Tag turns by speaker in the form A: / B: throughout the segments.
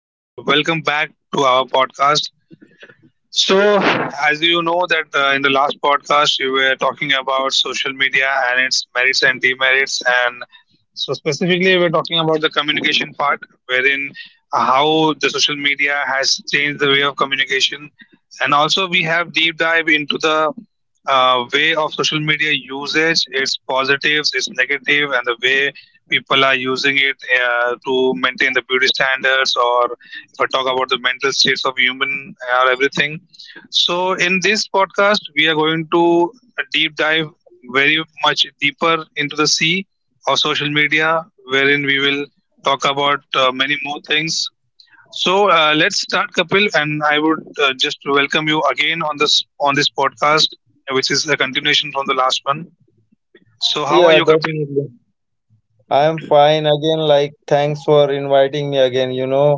A: Welcome back to our podcast. So, as you know that in the last podcast we were talking about social media and its merits and demerits, and so specifically we're talking about the communication part, wherein how the social media has changed the way of communication, and also we have deep dive into the way of social media usage, its positives, its negative, and the way people are using it to maintain the beauty standards, or if I talk about the mental states of human or everything. So, in this podcast, we are going to deep dive very much deeper into the sea of social media, wherein we will talk about many more things. So, let's start, Kapil, and I would just welcome you again on this podcast, which is a continuation from the last one. So, how are
B: Yeah,
A: you, Kapil?
B: definitely. I am fine again. Like, thanks for inviting me again.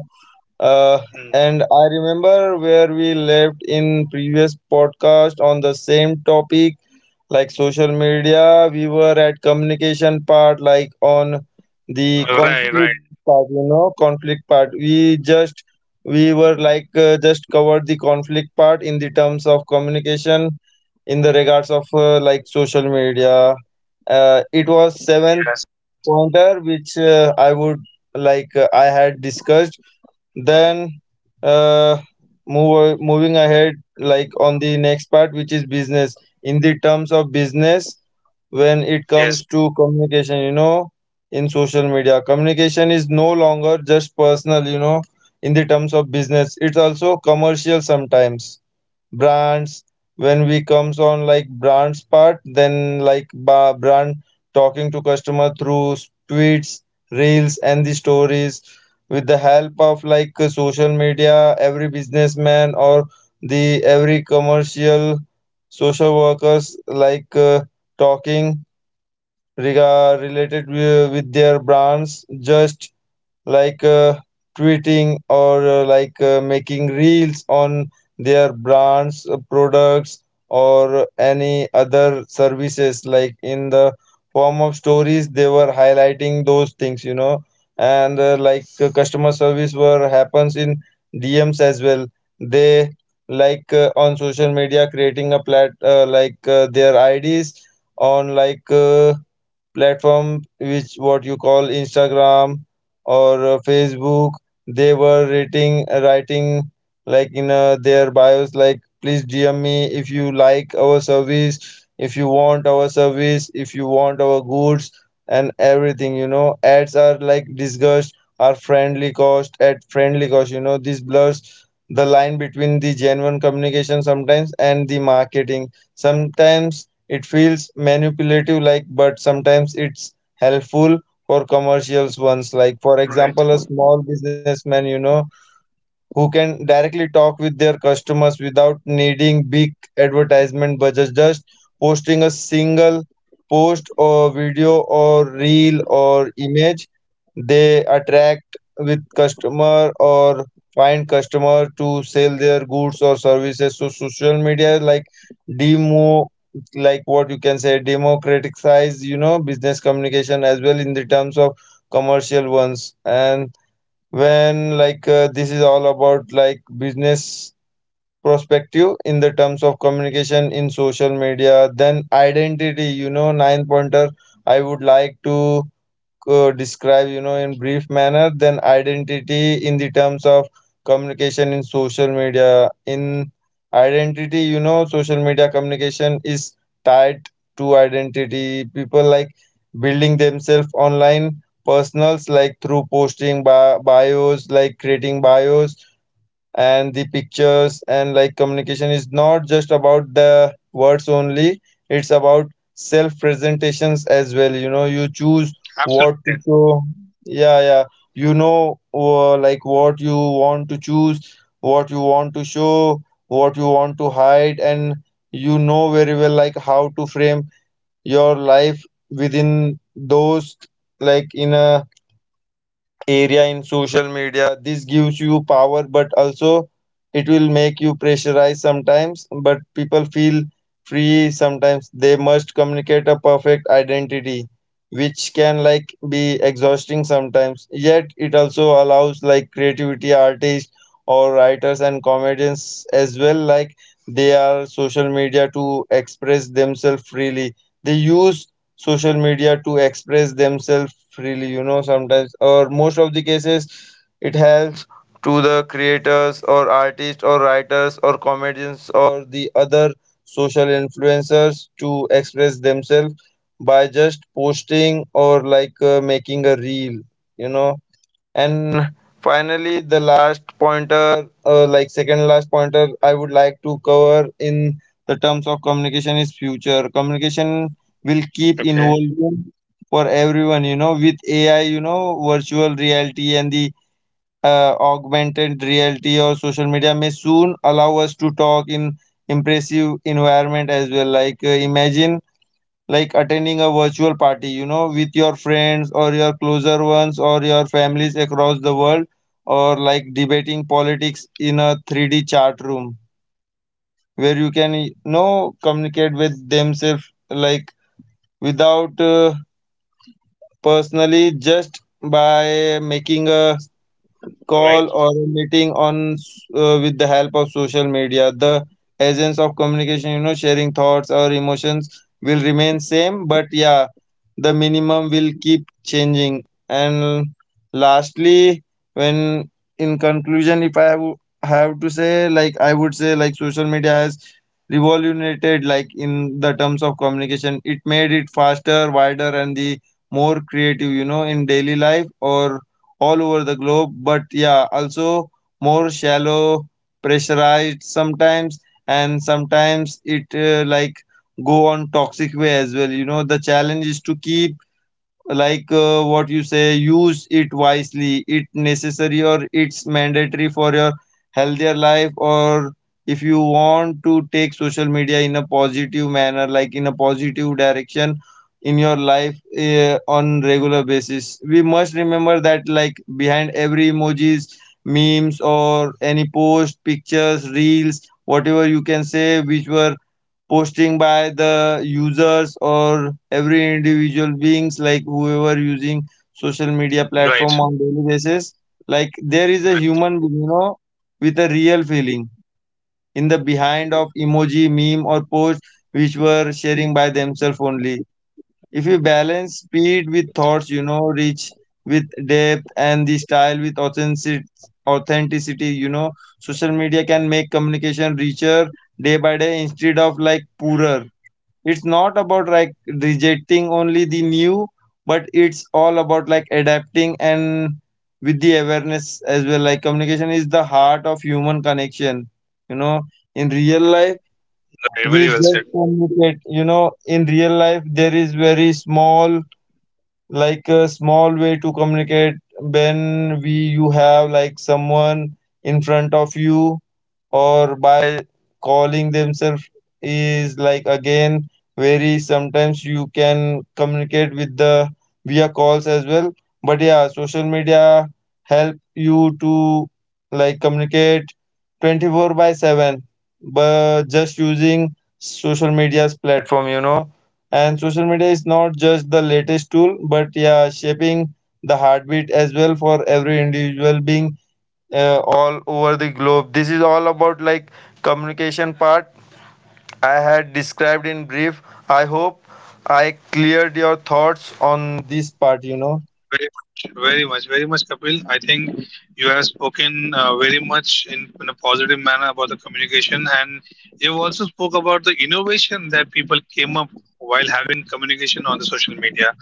B: uh,
A: Mm.
B: and I remember where we left in previous podcast on the same topic, like social media. We were at communication part, like on the
A: Right,
B: conflict
A: right.
B: part. You know, conflict part. We just we were like just covered the conflict part in the terms of communication in the regards of like social media. It was seventh
A: Yes, yes,
B: pointer which I would I had discussed then uh, moving ahead like on the next part, which is business. In the terms of business, when it comes
A: yes.
B: to communication, you know, in social media, communication is no longer just personal, you know. In the terms of business, it's also commercial sometimes. Brands, when we comes on like brands part, then like brand talking to customer through tweets, reels, and the stories. With the help of like social media, every businessman or the every commercial social workers like talking related with their brands, just like tweeting or like making reels on their brands, products, or any other services. Like in the form of stories, they were highlighting those things, you know. And like customer service were happens in DMs as well. They like on social media creating a plat like their IDs on like platform, which what you call Instagram or Facebook. They were rating writing like in their bios like, please DM me if you like our service, if you want our service, if you want our goods and everything, you know. Ads are like discussed are friendly cost at friendly cost, you know. This blurs the line between the genuine communication sometimes and the marketing sometimes. It feels manipulative like, but sometimes it's helpful for commercials ones, like for
A: Right.
B: example a small businessman, you know, who can directly talk with their customers without needing big advertisement budgets, just posting a single post or video or reel or image. They attract with customer or find customer to sell their goods or services. So social media like demo like what you can say democratize, you know, business communication as well in the terms of commercial ones. And when like this is all about like business perspective in the terms of communication in social media, then identity, you know, nine pointer I would like to describe, you know, in brief manner. Then identity in the terms of communication in social media. In identity, you know, social media communication is tied to identity. People like building themselves online personals, like through posting bios, like creating bios and the pictures. And like communication is not just about the words only, it's about self presentations as well, you know. You choose what to
A: Absolutely.
B: show. Yeah, yeah, you know, like what you want to choose, what you want to show, what you want to hide. And you know very well like how to frame your life within those, like in a area in social media. This gives you power, but also it will make you pressurized sometimes. But people feel free sometimes. They must communicate a perfect identity, which can like be exhausting sometimes. Yet it also allows like creativity artists or writers and comedians as well. Like they are social media to express themselves freely. They use social media to express themselves freely, you know. Sometimes or most of the cases, it helps to the creators or artists or writers or comedians or the other social influencers to express themselves by just posting or like making a reel, you know. And finally, the last pointer, like second last pointer, I would like to cover in the terms of communication is future. Communication will keep
A: Okay.
B: evolving for everyone, you know, with AI, you know, virtual reality and the augmented reality, or social media may soon allow us to talk in impressive environment as well. Like, imagine like attending a virtual party, you know, with your friends or your closer ones or your families across the world, or like debating politics in a 3D chat room where you can, you know, communicate with themselves like without personally, just by making a
A: Right.
B: call or a meeting on with the help of social media. The essence of communication, you know, sharing thoughts or emotions will remain same, but yeah, the minimum will keep changing. And lastly, when in conclusion, if I w- have to say like, I would say like social media has revolutionized, like in the terms of communication, it made it faster, wider, and the more creative, you know, in daily life or all over the globe. But yeah, also more shallow, pressurized sometimes, and sometimes it like go on toxic way as well. You know, the challenge is to keep like what you say, use it wisely, it necessary or it's mandatory for your healthier life. Or if you want to take social media in a positive manner, like in a positive direction in your life on regular basis, we must remember that like behind every emojis, memes, or any post, pictures, reels, whatever you can say, which were posting by the users or every individual beings, like whoever using social media
A: Right.
B: platform on daily basis, like there is a
A: Right.
B: human being, you know, with a real feeling in the behind of emoji,
A: Absolutely.
B: meme, or post which were sharing by themselves only. If you balance speed with thoughts, you know, reach with depth, and the style with authenticity, authenticity, you know, social media can make communication richer day by day instead of like poorer. It's not about like rejecting only the new, but it's all about like adapting and with the awareness as well. Like communication is the heart of human connection, you know, in real life.
A: Right. Very
B: We
A: well
B: just
A: said.
B: communicate, you know. In real life there is very small, like a small way to communicate, when we you have like someone in front of you, or by calling themselves, is like again very sometimes you can communicate with the via calls as well. But yeah, social media help you to like communicate 24 by 7, but just using social media's platform, you know. And social media is not just the latest tool, but yeah, shaping the heartbeat as well for every individual being all over the globe. This is all about like communication part I had described in brief. I hope I cleared your thoughts on this part, you know.
A: Very much, very much, very much, Kapil. I think you have spoken very much in a positive manner about the communication, and you also spoke about the innovation that people came up while having communication on the social media.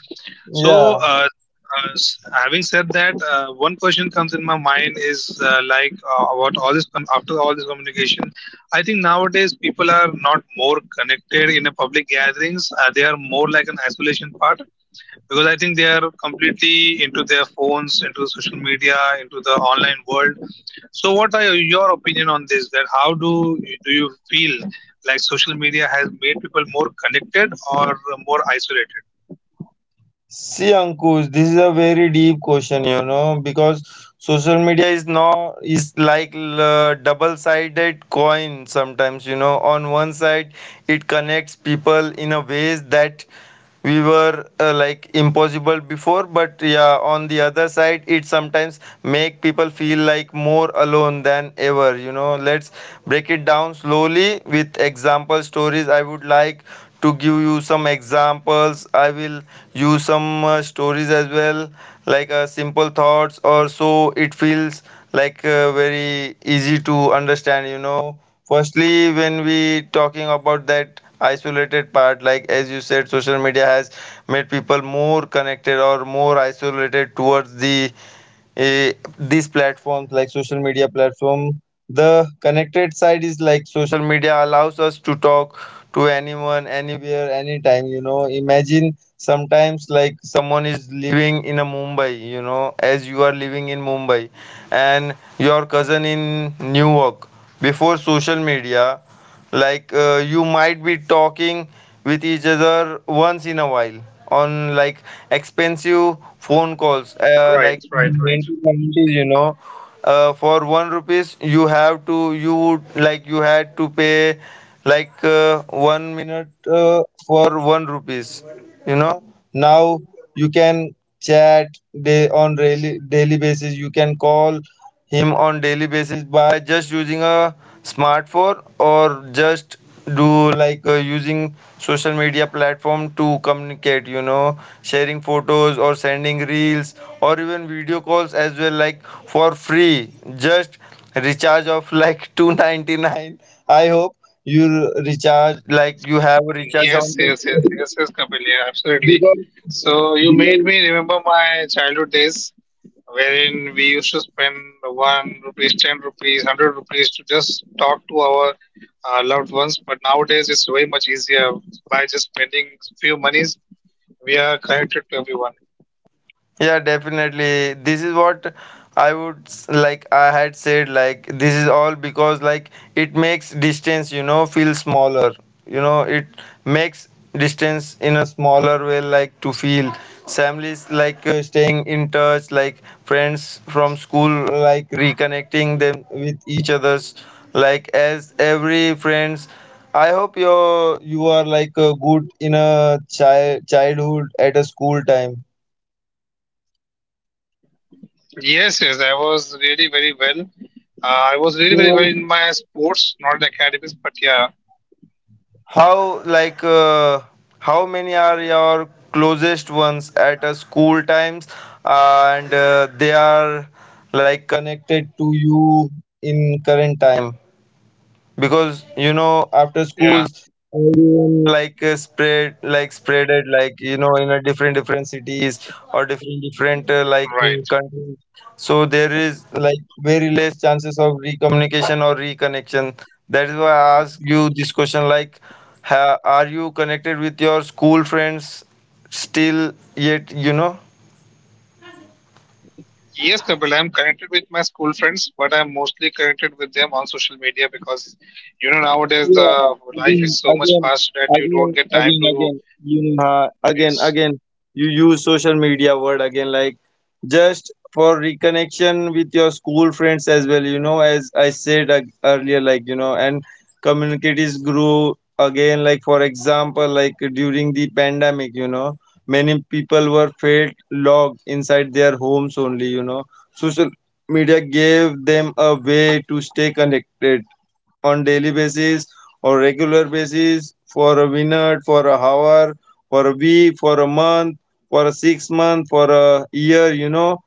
A: So,
B: Yeah.
A: having said that, one question comes in my mind is about all this after all this communication. I think nowadays people are not more connected in a public gatherings. They are more like an isolation part because I think they are completely into their phones, into social media, into the online world. So, what are your opinion on this? That how do you feel like social media has made people more connected or more isolated?
B: See, Ankush, this is a very deep question, you know, because social media is now is like double-sided coin sometimes, you know. On one side, it connects people in a ways that we were like impossible before. But yeah, on the other side, it sometimes make people feel like more alone than ever, you know. Let's break it down slowly with example stories. I would like to give you some examples. I will use some stories as well, like simple thoughts or so. It feels like very easy to understand, you know. Firstly, when we talking about that isolated part, like as you said, social media has made people more connected or more isolated towards the these platforms, like social media platform. The connected side is like social media allows us to talk to anyone, anywhere, anytime, you know. Imagine sometimes like someone is living in a Mumbai, you know, as you are living in Mumbai, and your cousin in New York. Before social media, like you might be talking with each other once in a while on like expensive phone calls,
A: Right,
B: like
A: right,
B: in
A: right.
B: 1990s, you know, for one rupees you have to you would you had to pay like one minute for one rupees, you know. Now you can chat day on daily basis. You can call him on daily basis by just using a smartphone, or just do like using social media platform to communicate, you know, sharing photos or sending reels or even video calls as well, like for free. Just recharge of like 299, I hope. You recharge like you have a recharge on
A: Yes,
B: the-
A: yes, yes, yes, yes, Kapil. Yeah, absolutely.
B: because
A: So you made me remember my childhood days, wherein we used to spend 1 rupee, 10 rupees, 100 rupees to just talk to our loved ones. But nowadays, it's way much easier by just spending few monies. We are connected to everyone.
B: Yeah, definitely. This is what I would like. I had said like this is all because like it makes distance, you know, feel smaller. You know, it makes distance in a smaller way, like to feel families like staying in touch, like friends from school, like reconnecting them with each other's, like as every friends. I hope you are like good in a childhood at a school time.
A: Yes, yes, I was really very well. I was really very well in my sports, not in academics, but yeah,
B: How like how many are your closest ones at school times, and they are like connected to you in current time? Because you know after
A: yeah,
B: schools everyone spread like spread it like you know in a different different cities or different different like
A: right.
B: countries. So there is like very less chances of recommunication or reconnection. That is why I ask you this question like are you connected with your school friends still yet you know?
A: Yes, Kapil, I'm connected with my school friends, but I'm mostly connected with them on social media because, you know, nowadays
B: Yeah,
A: the life
B: again,
A: is so much
B: again,
A: fast that you don't
B: again,
A: get time
B: again,
A: to.
B: again. You again,
A: Yes,
B: again. You use social media word again, like just for reconnection with your school friends as well. You know, as I said earlier, like you know, and communities grew again. Like for example, like during the pandemic, you know, many people were felt locked inside their homes only. You know, social media gave them a way to stay connected on daily basis or regular basis, for a minute, for a hour, for a week, for a month, for a 6 month, for a year, you know,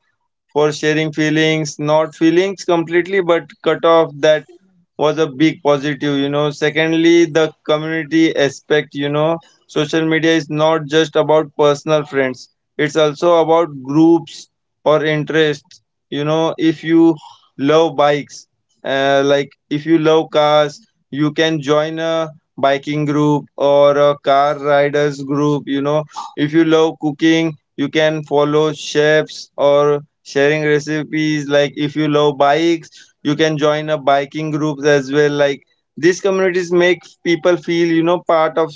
B: for sharing feelings, not feelings completely, but cut off that was a big positive, you know. Secondly, the community aspect, you know, social media is not just about personal friends, it's also about groups or interests. You know, if you love bikes, like if you love cars, you can join a biking group or a car riders group. You know, if you love cooking, you can follow chefs or sharing recipes, like if you love bikes you can join a biking groups as well. Like these communities make people feel, you know, part of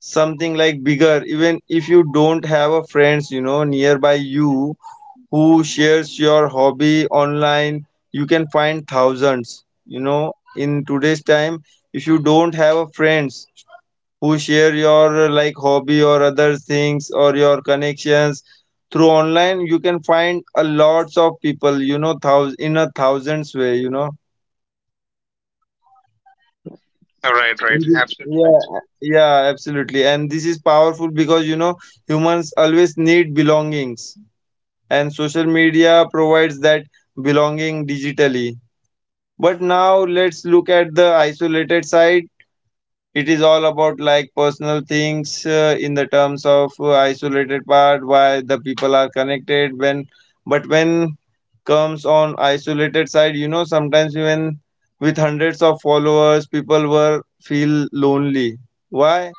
B: something like bigger, even if you don't have a friends you know nearby you who shares your hobby online. You can find thousands, you know, in today's time, if you don't have a friends who share your like hobby or other things or your connections, through online you can find a lots of people, you know, thous in a thousands way, you know.
A: right, right,
B: And you-
A: absolutely right,
B: yeah, yeah, absolutely, and this is powerful because you know humans always need belongings and social media provides that belonging digitally. But now let's look at the isolated side. It is all about like personal things in the terms of isolated part, why the people are connected when but when comes on isolated side, you know, sometimes even with hundreds of followers people were feel lonely. Why?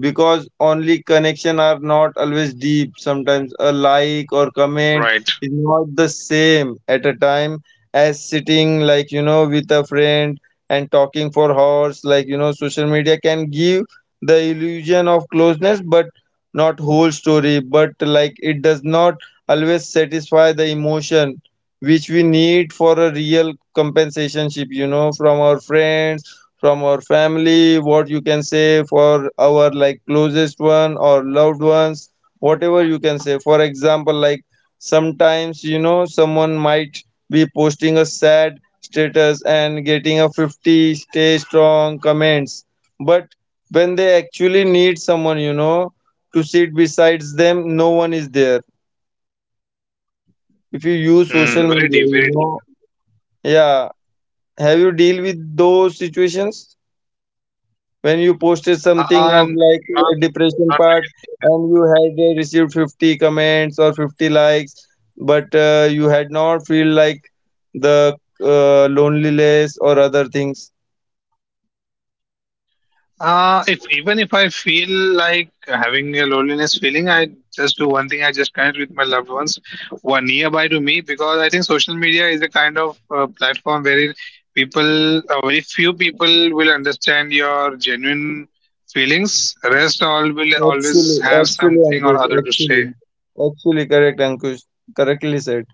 B: Because only connection are not always deep, sometimes a like or comment
A: right.
B: is not the same at a time as sitting like you know with a friend and talking for hours, like you know social media can give the illusion of closeness but not whole story, but like it does not always satisfy the emotion which we need for a real compensationship, you know, from our friends, from our family, what you can say, for our like closest one or loved ones, whatever you can say. For example, like sometimes, you know, someone might be posting a sad status and getting a 50 stay strong comments, but when they actually need someone, you know, to sit besides them, no one is there if you use social
A: Mm, very
B: media,
A: deep,
B: you
A: very deep.
B: know. Yeah, have you deal with those situations when you posted
A: Uh,
B: something
A: uh,
B: of like a
A: not,
B: depression
A: not
B: part
A: really. Yeah.
B: and you had received 50 comments or 50 likes but you had not feel like the loneliness or other things?
A: If even if I feel like having a loneliness feeling, I just do one thing. I just connect with my loved ones who are nearby to me because I think social media is a kind of platform where people, very few people, will understand your genuine feelings. Rest all will always
B: Actually,
A: have
B: actually,
A: something or
B: Ankush,
A: other to say.
B: actually, correct, Ankush, correctly said.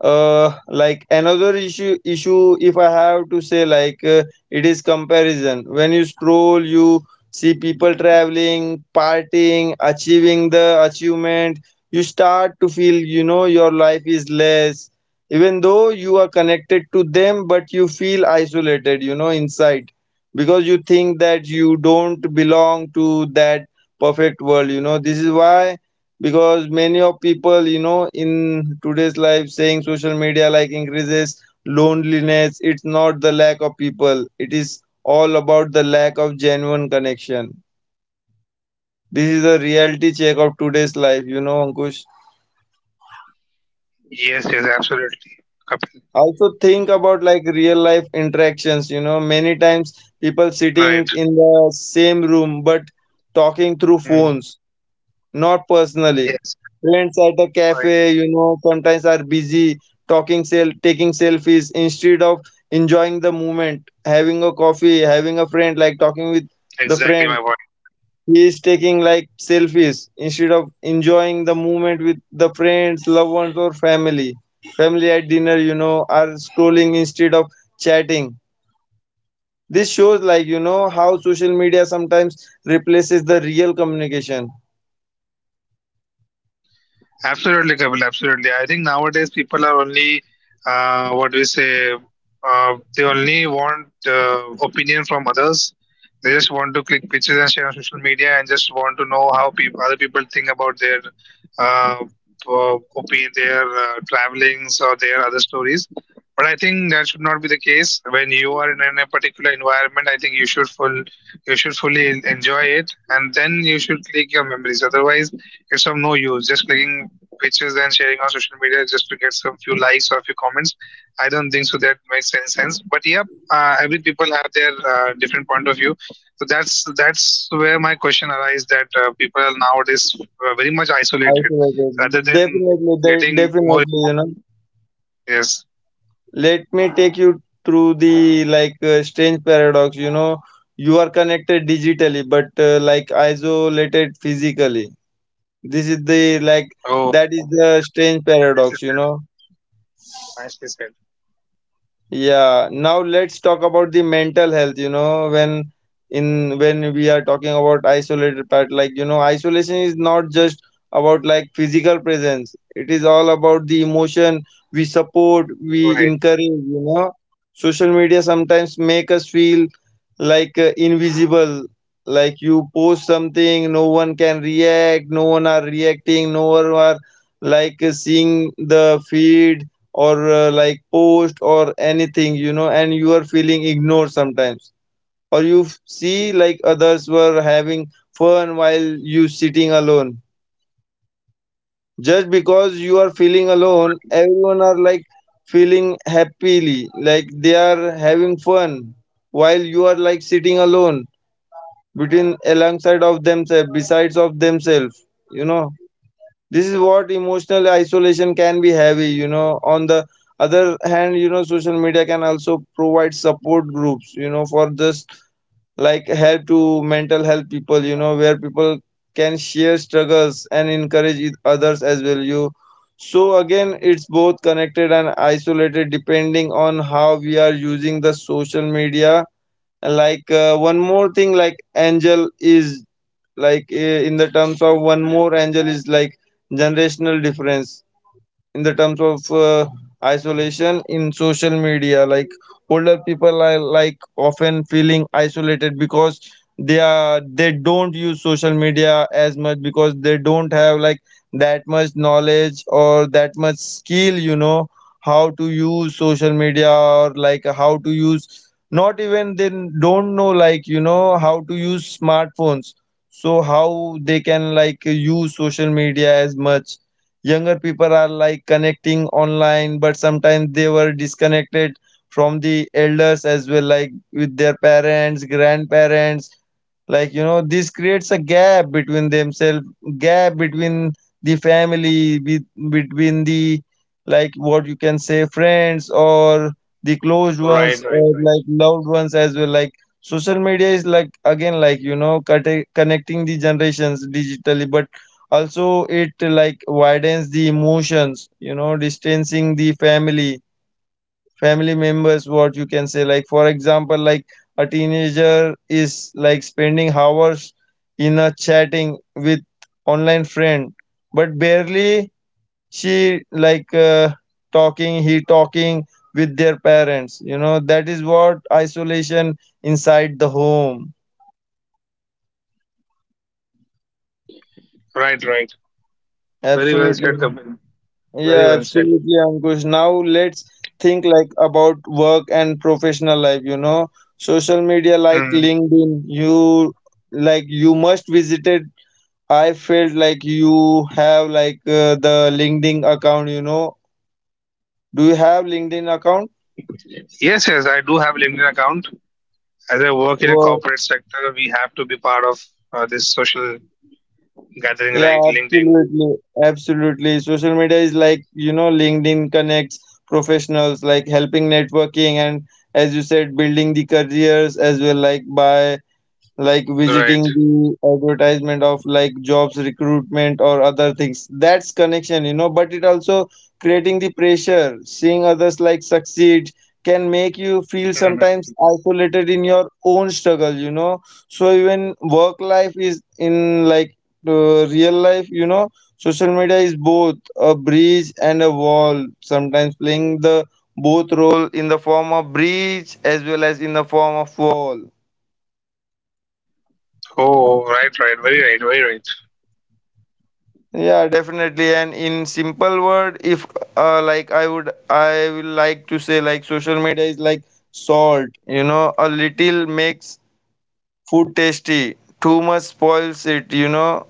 B: Like another issue, if I have to say, like it is comparison. When you scroll, you see people traveling, partying, achieving the achievement, you start to feel, you know, your life is less. Even though you are connected to them, but you feel isolated, you know, inside, because you think that you don't belong to that perfect world. You know, this is why, because many of people, you know, in today's life saying social media like increases loneliness, it's not the lack of people, it is all about the lack of genuine connection. This is a reality check of today's life, you know, Ankush.
A: Yes, yes, absolutely. Kapil.
B: Also think about like real life interactions, you know, many times people sitting
A: Right.
B: in the same room but talking through
A: Mm.
B: phones. Not personally.
A: Yes, yes.
B: Friends at a cafe,
A: Right.
B: you know, sometimes are busy talking, taking selfies instead of enjoying the moment, having a coffee, having a friend, like talking with the
A: Exactly
B: friend.
A: my point. Yeah.
B: He is taking like selfies instead of enjoying the moment with the friends, loved ones, or family. Family at dinner, you know, are scrolling instead of chatting. This shows, like, you know, how social media sometimes replaces the real communication.
A: Absolutely, Kapil. Absolutely. I think nowadays people are only, what we say, they only want opinion from others. They just want to click pictures and share on social media and just want to know how peop other people think about their uh, opinion, their travelings or their other stories. But I think that should not be the case. When you are in a particular environment, I think you should fully enjoy it, and then you should click your memories. Otherwise, it's of no use. Just clicking pictures and sharing on social media just to get some few likes or a few comments. I don't think so that makes any sense. But yeah, every people have their different point of view. So that's where my question arises that people are nowadays very much isolated
B: Isolated,
A: rather than
B: definitely de-
A: getting more
B: definitely you know,
A: involved. Yes.
B: let me take you through the like strange paradox, you know, you are connected digitally but like isolated physically. This is the like, that is
A: Oh,
B: the
A: it's
B: strange
A: nicely
B: paradox, you
A: said.
B: know.
A: Nicely said.
B: Yeah, now let's talk about the mental health, you know, when in when we are talking about isolated part, like you know, isolation is not just about like physical presence. It is all about the emotion we support, we
A: Right.
B: encourage, you know. Social media sometimes make us feel like invisible, like you post something, no one can react, no one are reacting, no one are like seeing the feed or like post or anything, you know, and you are feeling ignored sometimes, or you see like others were having fun while you sitting alone. Just because you are feeling alone,
A: Right.
B: everyone are like feeling happily, like they are having fun while you are like sitting alone, between alongside of themselves, besides of themselves, you know. This is what emotional isolation can be heavy, you know. On the other hand, you know, social media can also provide support groups, you know, for just like help to mental health people, you know, where people can share struggles and encourage each others as well. You, so again it's both connected and isolated depending on how we are using the social media. Like one more thing, like angel is like in the terms of, one more angel is like generational difference in the terms of isolation in social media. Like older people are like often feeling isolated because they don't use social media as much because they don't have like that much knowledge or that much skill, you know, how to use social media, or like how to use, not even they don't know like you know how to use smartphones, so how they can like use social media as much. Younger people are like connecting online but sometimes they were disconnected from the elders as well, like with their parents, grandparents, like you know this creates a gap between themselves, gap between the family, be between the like what you can say friends or the close ones
A: Right. Right.
B: or
A: Right.
B: like loved ones as well, like social media is like again like you know connecting the generations digitally but also it like widens the emotions, you know, distancing the family, family members, what you can say. Like for example, like a teenager is like spending hours in a chatting with online friend but barely she like talking, he talking with their parents, you know, that is what isolation inside the home.
A: Right. Right. Very well
B: Absolutely.
A: said, Kapil. Very
B: Yeah,
A: well said.
B: absolutely, Ankush. Now let's think like about work and professional life, you know. Social media like
A: Hmm.
B: LinkedIn, you like you must visit it. I felt like you have like the LinkedIn account, you know. Do you have LinkedIn account?
A: Yes, yes, I do have LinkedIn account. As I work in a
B: Well,
A: corporate sector, we have to be part of this social gathering
B: yeah,
A: like LinkedIn.
B: absolutely. Absolutely. Social media is like, you know, LinkedIn connects professionals like helping networking and, as you said, building the careers as well, like by like visiting
A: Right.
B: the advertisement of like jobs recruitment or other things, that's connection, you know. But it also creating the pressure, seeing others like succeed can make you feel sometimes
A: Hmm.
B: isolated in your own struggle, you know. So even work life is in like real life, you know, social media is both a bridge and a wall, sometimes playing the both role in the form of bridge as well as in the form of wall.
A: Oh, right, right. Very right, very right.
B: Yeah, definitely. And in simple word, if like I will like to say like social media is like salt. You know, a little makes food tasty. Too much spoils it. You know,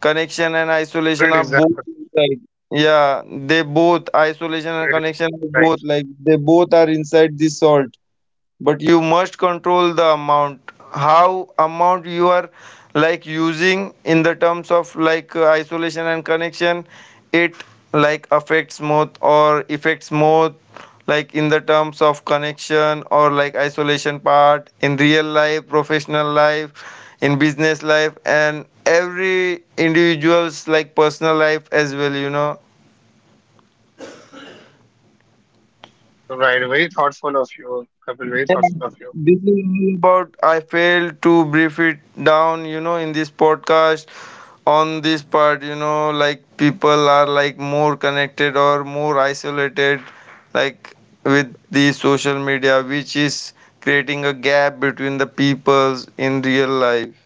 B: connection and isolation
A: Great
B: are both.
A: example.
B: Like, yeah, they both, isolation and
A: Great
B: connection
A: example.
B: are
A: Right.
B: both, like they both are inside this salt. But you must control the amount, how amount you are like using in the terms of like isolation and connection, it like affects more, like in the terms of connection or like isolation part in real life, professional life, in business life, and every individual's like personal life as well, you know.
A: Right. Very thoughtful of you, Kapil. Very
B: Yeah,
A: thoughtful of you.
B: this is all about. I failed to brief it down, you know, in this podcast on this part, you know, like people are like more connected or more isolated, like with the social media, which is creating a gap between the peoples in real life.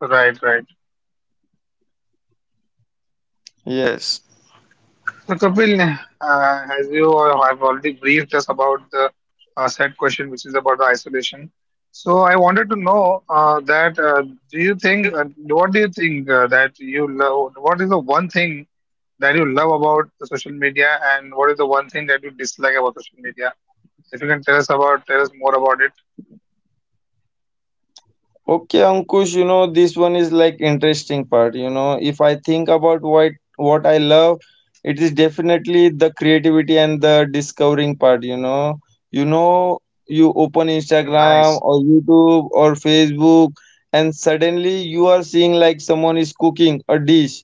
A: Right, right.
B: Yes.
A: So Kapil, as you all have already briefed us about the set question, which is about the isolation. So I wanted to know that do you think, what do you think that you love, what is the one thing that you love about the social media and what is the one thing that you dislike about social media? If you can tell us about, tell us more about it.
B: Okay, Ankush, this one is like interesting part. If I think about what I love, it is definitely the creativity and the discovering part, you know. You know, you open Instagram or
A: Nice.
B: YouTube or Facebook, and suddenly you are seeing like someone is cooking a dish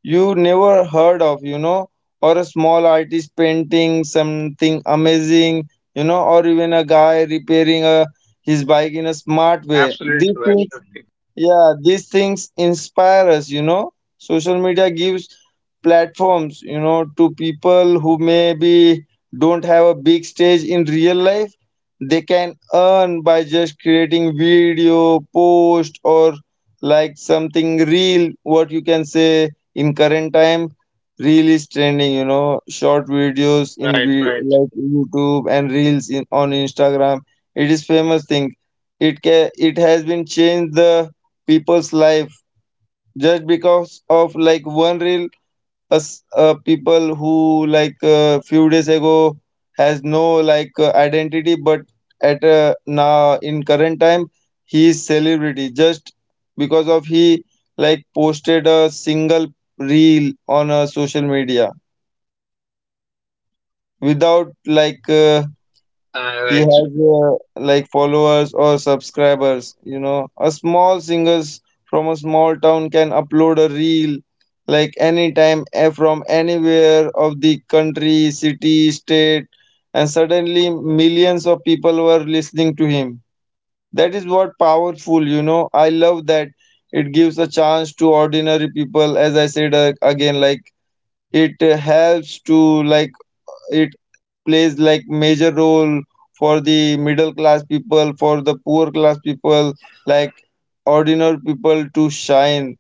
B: you never heard of, you know, or a small artist painting something amazing, you know, or even a guy repairing a his bike in a smart way,
A: Absolutely
B: these
A: true.
B: things,
A: Absolutely.
B: yeah, these things inspire us, you know. Social media gives platforms, you know, to people who maybe don't have a big stage in real life. They can earn by just creating video, post, or like something real. What you can say, in current time reel is trending, you know, short videos in
A: Right, right.
B: like YouTube and reels in on Instagram. It is famous thing. It has been changed the people's life just because of like one reel. Us, people who like a few days ago has no like identity but at now in current time he is celebrity just because of he like posted a single reel on a social media without like he has
A: Right.
B: like followers or subscribers, you know, a small singers from a small town can upload a reel like anytime, from anywhere of the country, city, state, and suddenly millions of people were listening to him. That is what powerful, you know. I love that. It gives a chance to ordinary people. As I said, again, like it helps to like it plays like major role for the middle class people, for the poor class people, like ordinary people to shine,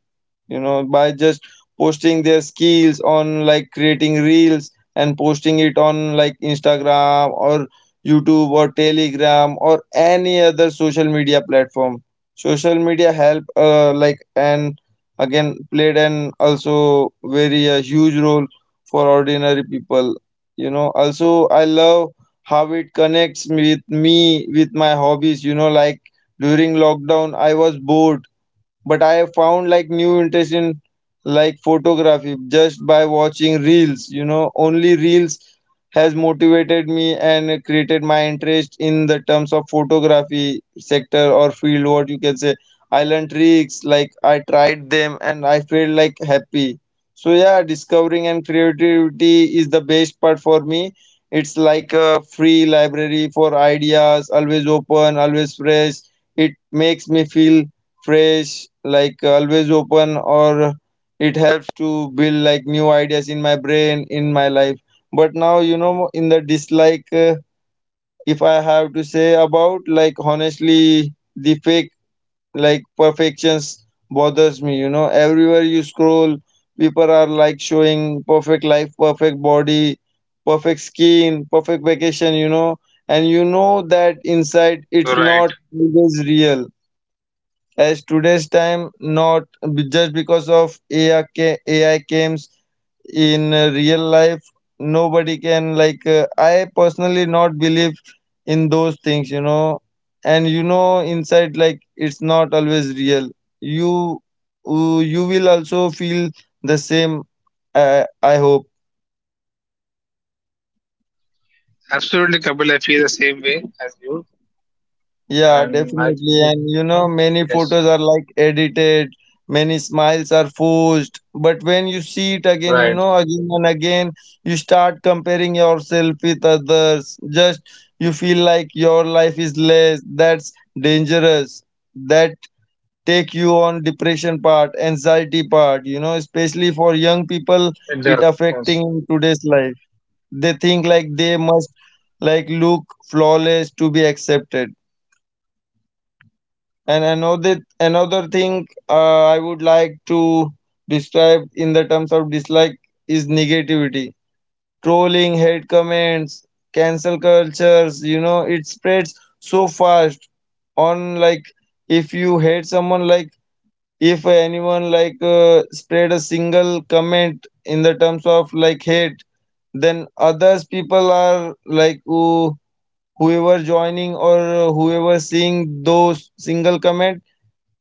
B: you know, by just posting their skills on like creating reels and posting it on like Instagram or YouTube or Telegram or any other social media platform. Social media help, like, and again played an also very huge role for ordinary people, you know. Also, I love how it connects me with my hobbies, you know, like during lockdown I was bored, but I have found like new interest in like photography just by watching reels. You know, only reels has motivated me and created my interest in the terms of photography sector or field. What you can say, I learned tricks, like I tried them and I felt like happy. So yeah, discovering and creativity is the best part for me. It's like a free library for ideas, always open, always fresh. It makes me feel fresh, like always open, or it helps to build like new ideas in my brain, in my life. But now, you know, in the dislike, if I have to say about like honestly, the fake like perfections bothers me. You know, everywhere you scroll, people are like showing perfect life, perfect body, perfect skin, perfect vacation, you know, and you know that inside it's
A: You're right.
B: not always real as today's time, not just because of AI comes in real life. Nobody can like, I personally not believe in those things, you know, and you know inside like it's not always real. You, you will also feel the same, uh, I hope.
A: Absolutely, Kapil. I feel the same way as you.
B: Yeah,
A: And I
B: definitely.
A: think
B: And you know, many
A: yes,
B: photos are like edited, many smiles are forced. But when you see it again, you
A: right.
B: know, again and again, you start comparing yourself with others. Just you feel like your life is less. That's dangerous. That take you on depression part, anxiety part, you know, especially for young people,
A: It
B: it
A: does.
B: affecting
A: Yes,
B: in today's life. They think like they must like look flawless to be accepted. And another thing, I would like to describe in the terms of dislike is negativity. Trolling, hate comments, cancel cultures, you know, it spreads so fast on like if you hate someone like if anyone like, spread a single comment in the terms of like hate, then others people are like whoever joining or whoever seeing those single comment,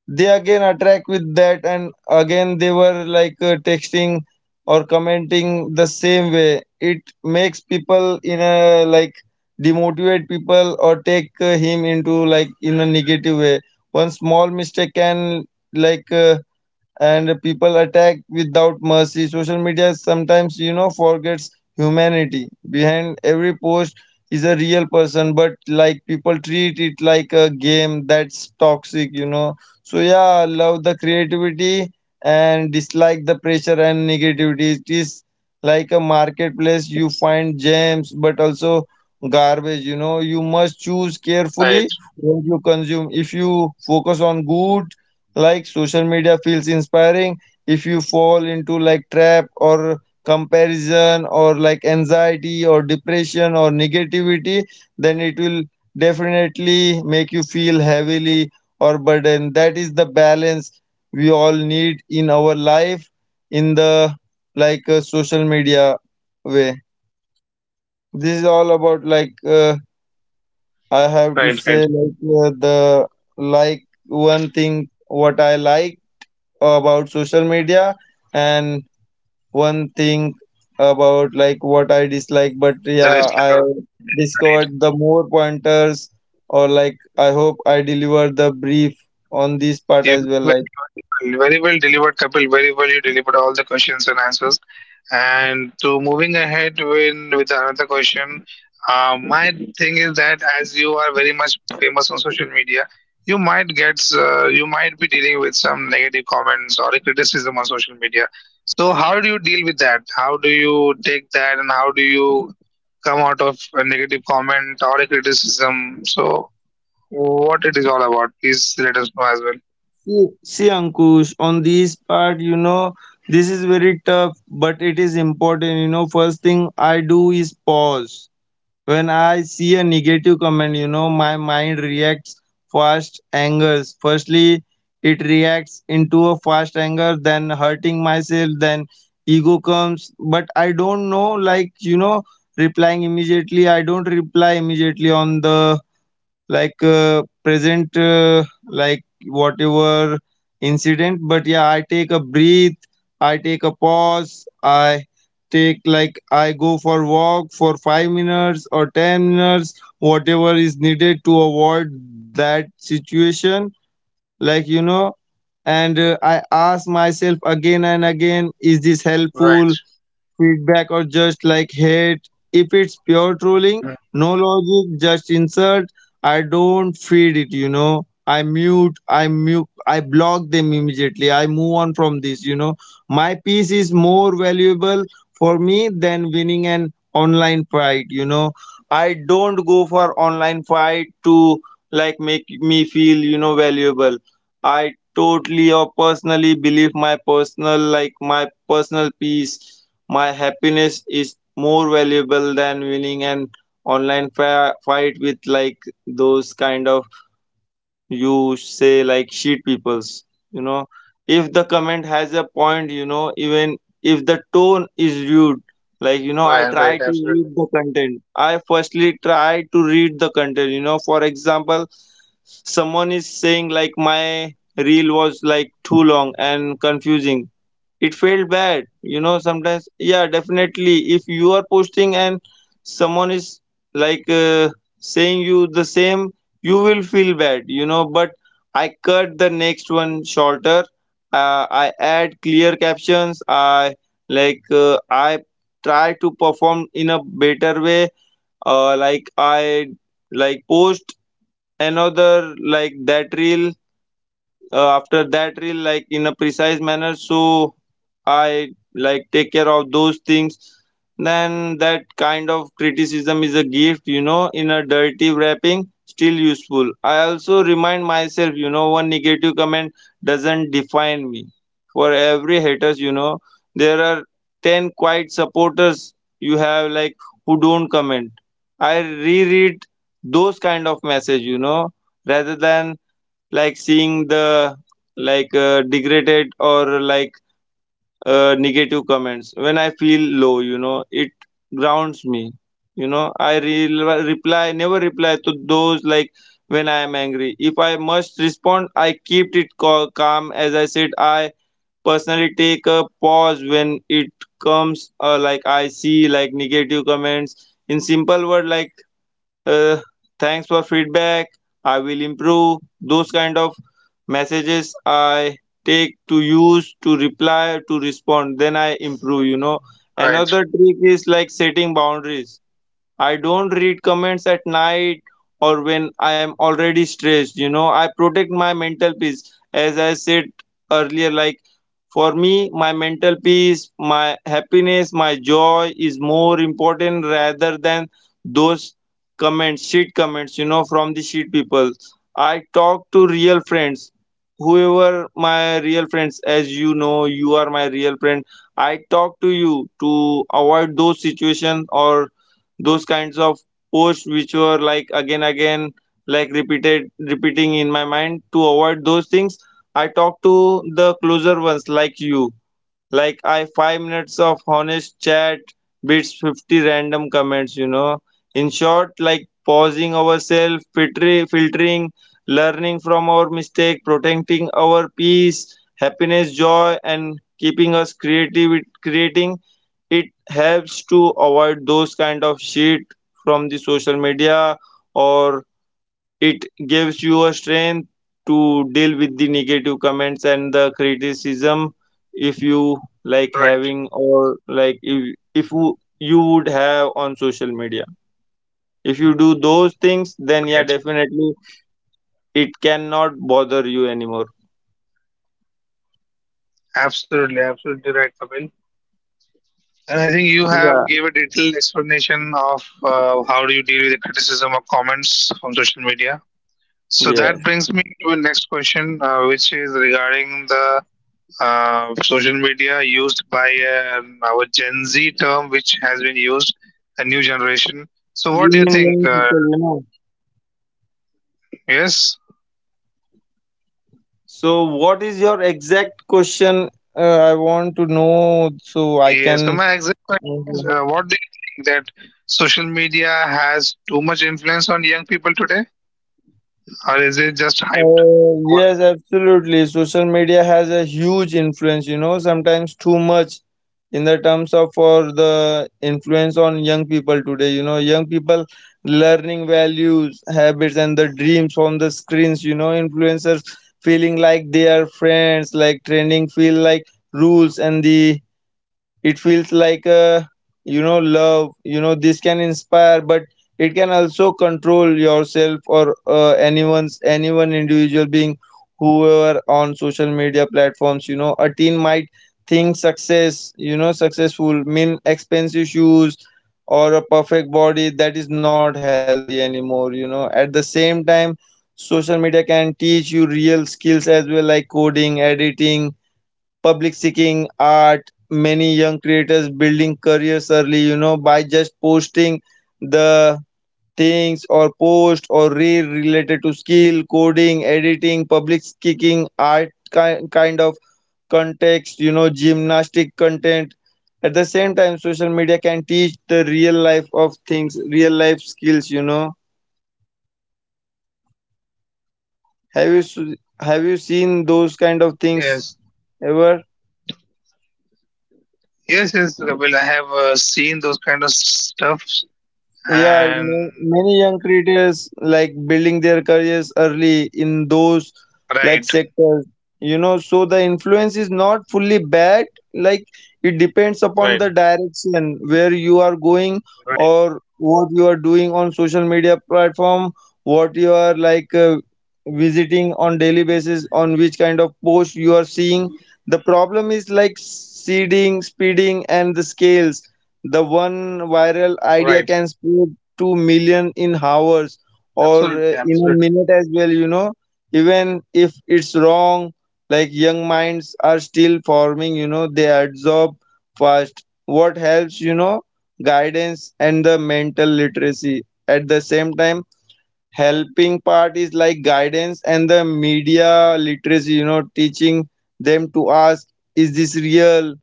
B: they again attract with that and again they were like, texting or commenting the same way. It makes people in a like demotivate people or take him into like in a negative way. One small mistake can like, and people attack without mercy. Social media sometimes, you know, forgets humanity. Behind every post is a real person, but like people treat it like a game. That's toxic, you know. So yeah, love the creativity and dislike the pressure and negativity. It is like a marketplace, you find gems, but also garbage, you know. You must choose
A: right,
B: carefully what you consume. If you focus on good, like social media feels inspiring. If you fall into like trap or comparison or like anxiety or depression or negativity, then it will definitely make you feel heavily or burden. That is the balance we all need in our life, in the like social media way. This is all about like, I have to
A: right,
B: say
A: right.
B: like, the like one thing what I like about social media and one thing about like what I dislike. But
A: That
B: yeah,
A: is like a
B: I
A: social media, right?
B: discovered the more pointers, or like I hope I deliver the brief on this part as well. Like
A: Very well delivered, Kapil. Very well, you delivered all the questions and answers. And to moving ahead with another question, my thing is that as you are very much famous on social media, you might get you might be dealing with some negative comments or criticism on social media. So how do you deal with that? How do you take that, and how do you come out of a negative comment or a criticism? So what it is all about? Please let us know as well.
B: see Ankush, on this part, you know, this is very tough, but it is important. You know, first thing I do is pause. When I see a negative comment, you know, my mind reacts fast angers. Firstly, it reacts into a fast anger, then hurting myself, then ego comes. But I don't know, like, you know, replying immediately. I don't reply immediately on the like, present, like whatever incident, but yeah, I take a breathe, I take a pause, I take like I go for walk for 5 minutes or 10 minutes, whatever is needed to avoid that situation, like, you know. And I ask myself again and again, is this
A: Right.
B: helpful feedback or just like hate? If it's pure trolling,
A: Mhm.
B: no logic, just insult, I don't feed it, you know. I mute, I block them immediately. I move on from this, you know. My peace is more valuable for me than winning an online fight, you know. I don't go for online fight to like make me feel, you know, valuable. I totally or personally believe my personal peace, my happiness is more valuable than winning an online fight with like those kind of, you say, like shit peoples. You know, if the comment has a point, you know, even if the tone is rude, like you know, I
A: Right,
B: try
A: right,
B: to read
A: absolutely.
B: the content. I firstly try to read the content. You know, for example, someone is saying like my reel was like too long and confusing, it felt bad, you know. Sometimes, yeah, definitely if you are posting and someone is like, saying you the same, you will feel bad, you know. But I cut the next one shorter, I add clear captions, I like, I try to perform in a better way, like I like post another like that reel, after that reel like in a precise manner, so I like take care of those things. Then that kind of criticism is a gift, you know, in a dirty wrapping, still useful. I also remind myself, you know, one negative comment doesn't define me. For every haters, you know, there are 10 quiet supporters you have like who don't comment. I reread those kind of message, you know, rather than like seeing the like, degraded or like, negative comments, when I feel low, you know, it grounds me, you know. I reply, never reply to those like when I am angry. If I must respond, I keep it calm. As I said, I personally take a pause when it comes, like I see like negative comments, in simple word like, uh, thanks for feedback, I will improve, those kind of messages I take to use to reply to respond, then I improve, you know.
A: Right,
B: Another trick is like setting boundaries. I don't read comments at night or when I am already stressed, you know. I protect my mental peace. As I said earlier, like for me, my mental peace, my happiness, my joy is more important rather than those comments, shit comments, you know, from the shit people. I talk to real friends, whoever my real friends, as you know, you are my real friend. I talk to you to avoid those situations or those kinds of posts which were like again, again, like repeated, repeating in my mind, to avoid those things. I talk to the closer ones like you. Like I 5 minutes of honest chat beats 50 random comments, you know. In short, like pausing ourselves, filtering, learning from our mistake, protecting our peace, happiness, joy, and keeping us creative creating it helps to avoid those kind of shit from the social media or it gives you a strength to deal with the negative comments and the criticism if you like
A: right,
B: having or like if you would have on social media if you do those things then yeah,
A: right.
B: definitely it cannot bother you anymore.
A: Absolutely, absolutely right, Kapil. And I think you
B: Yeah.
A: have gave a detailed explanation of how do you deal with the criticism or comments on social media. So that
B: Yes.
A: brings me to the next question, which is regarding the social media used by an our Gen Z term, which has been used, a new generation. So what do you
B: Women,
A: think?
B: young people, you know,
A: Yes.
B: so what is your exact question? uh, I want to know so I
A: Yeah,
B: can.
A: so my exact question
B: Okay.
A: is, what do you think that social media has too much influence on young people today, or is it just hyped,
B: Yes,
A: overhyped?
B: absolutely. Social media has a huge influence, you know, sometimes too much in the terms of for the influence on young people today. You know, young people learning values, habits, and the dreams from the screens, you know, influencers feeling like they are friends, like training feel like rules and the it feels like you know love, you know, this can inspire but it can also control yourself or anyone's anyone individual being whoever on social media platforms, you know, a teen might think success, you know, successful mean expensive shoes or a perfect body that is not healthy anymore, you know. At the same time, social media can teach you real skills as well like coding, editing, public seeking, art, many young creators building careers early, you know, by just posting the things or post or reel related to skill, coding, editing, public speaking, art, kind of context, you know, gymnastic content. At the same time, social media can teach the real life of things, real life skills, you know. have you s- have you seen those kind of things
A: Yes,
B: ever?
A: yes, yes. Well, I have seen those kind of stuffs,
B: Yeah,
A: and
B: many young creators like building their careers early in those like
A: right,
B: sectors, you know, so the influence is not fully bad, like it depends upon the direction where you are going or what you are doing on social media platform, what you are like visiting on daily basis, on which kind of post you are seeing. The problem is like seeding, speeding, and the scales the one viral idea
A: right,
B: can spread to million in hours or
A: absolutely,
B: in a
A: absolutely,
B: minute as well, you know, even if it's wrong, like young minds are still forming, you know, they absorb fast. What helps, you know, guidance and the mental literacy. At the same time, helping part is like guidance and the media literacy, you know, teaching them to ask is this real,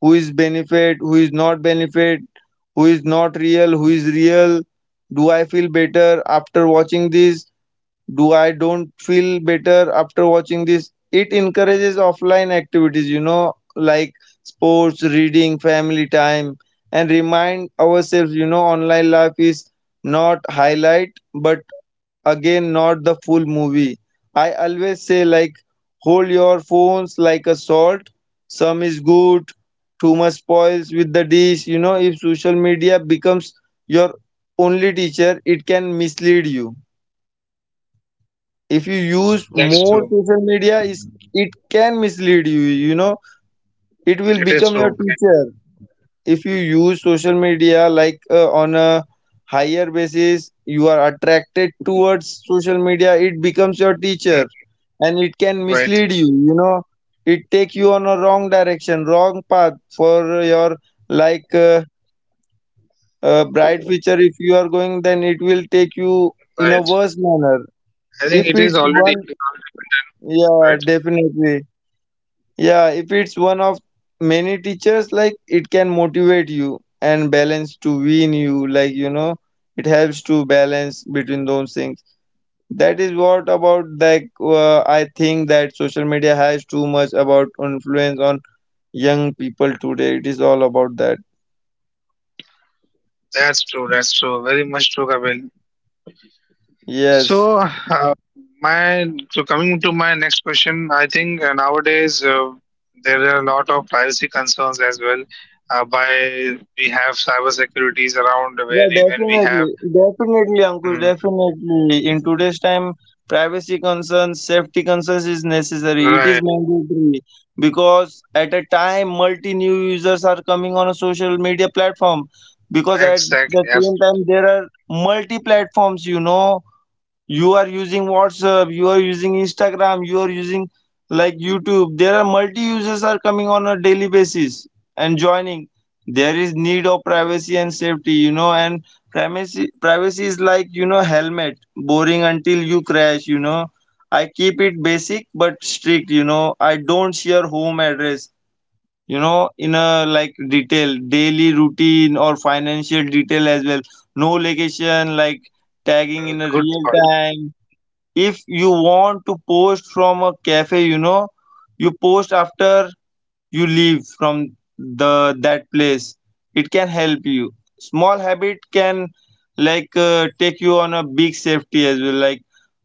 B: who is benefit, who is not benefit, who is not real, who is real, do I feel better after watching this, do I don't feel better after watching this. It encourages offline activities, you know, like sports, reading, family time, and remind ourselves, you know, online life is not highlight but again not the full movie. I always say like hold your phones like a salt, some is good, too much spoils with the dish, you know. If social media becomes your only teacher it can mislead you. If you use
A: that is
B: more
A: true.
B: social media is it can mislead you, you know, it will
A: It is
B: become your
A: true, right?
B: teacher. If you use social media like on a higher basis, you are attracted towards social media, it becomes your teacher
A: Mm,
B: and it can
A: right,
B: mislead you, you know, it take you on a wrong direction, wrong path for your like bright future. If you are going then it will take you in a
A: right.
B: worse manner.
A: I
B: If
A: think
B: it's one,
A: it is already been done,
B: yeah,
A: right?
B: definitely. Yeah, if it's one of many teachers, like it can motivate you and balance to win you, like, you know, it helps to balance between those things. That is what about like I think that social media has too much about influence on young people today. It is all about that.
A: That's true, very much true, Kapil.
B: Yes.
A: So, my so coming to my next question, I think nowadays there are a lot of privacy concerns as well. By we have cyber securities around
B: Yeah,
A: where even we have
B: definitely. Definitely, Ankush,
A: mm,
B: definitely. In today's time, privacy concerns, safety concerns is necessary. It is
A: right
B: mandatory because at a time, multi new users are coming on a social media platform because at
A: exactly
B: the
A: yes,
B: same time, there are multi platforms, you know, you are using WhatsApp, you are using Instagram, you are using like YouTube, there are multi users are coming on a daily basis and joining. There is need of privacy and safety, you know, and privacy is like, you know, helmet boring until you crash, you know. I keep it basic but strict, you know, I don't share home address, you know, in a like detail daily routine or financial detail as well, no location like tagging in
A: mm,
B: a
A: good
B: real
A: thought
B: time. If you want to post from a cafe, you know, you post after you leave from the that place, it can help you, small habit can like take you on a big safety as well. Like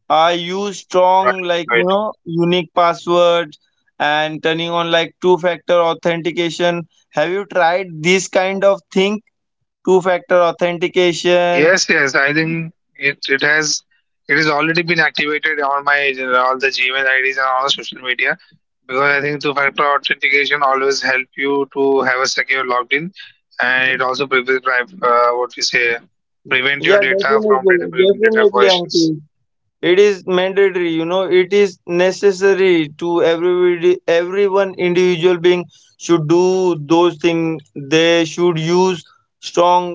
B: I use strong
A: right
B: like, you
A: right.
B: know, unique password and turning on like two factor authentication. Have you tried this kind of thing, two factor authentication?
A: Yes, yes. I think it, it has already been activated on my all the Gmail IDs and all the social media because I think two-factor authentication always help you to have a secure login, and it also prevent what we say prevent your
B: Yeah,
A: data from
B: definitely,
A: data
B: definitely,
A: violations.
B: Ankit. It is mandatory, you know, it is necessary to everybody, everyone individual being should do those things, they should use strong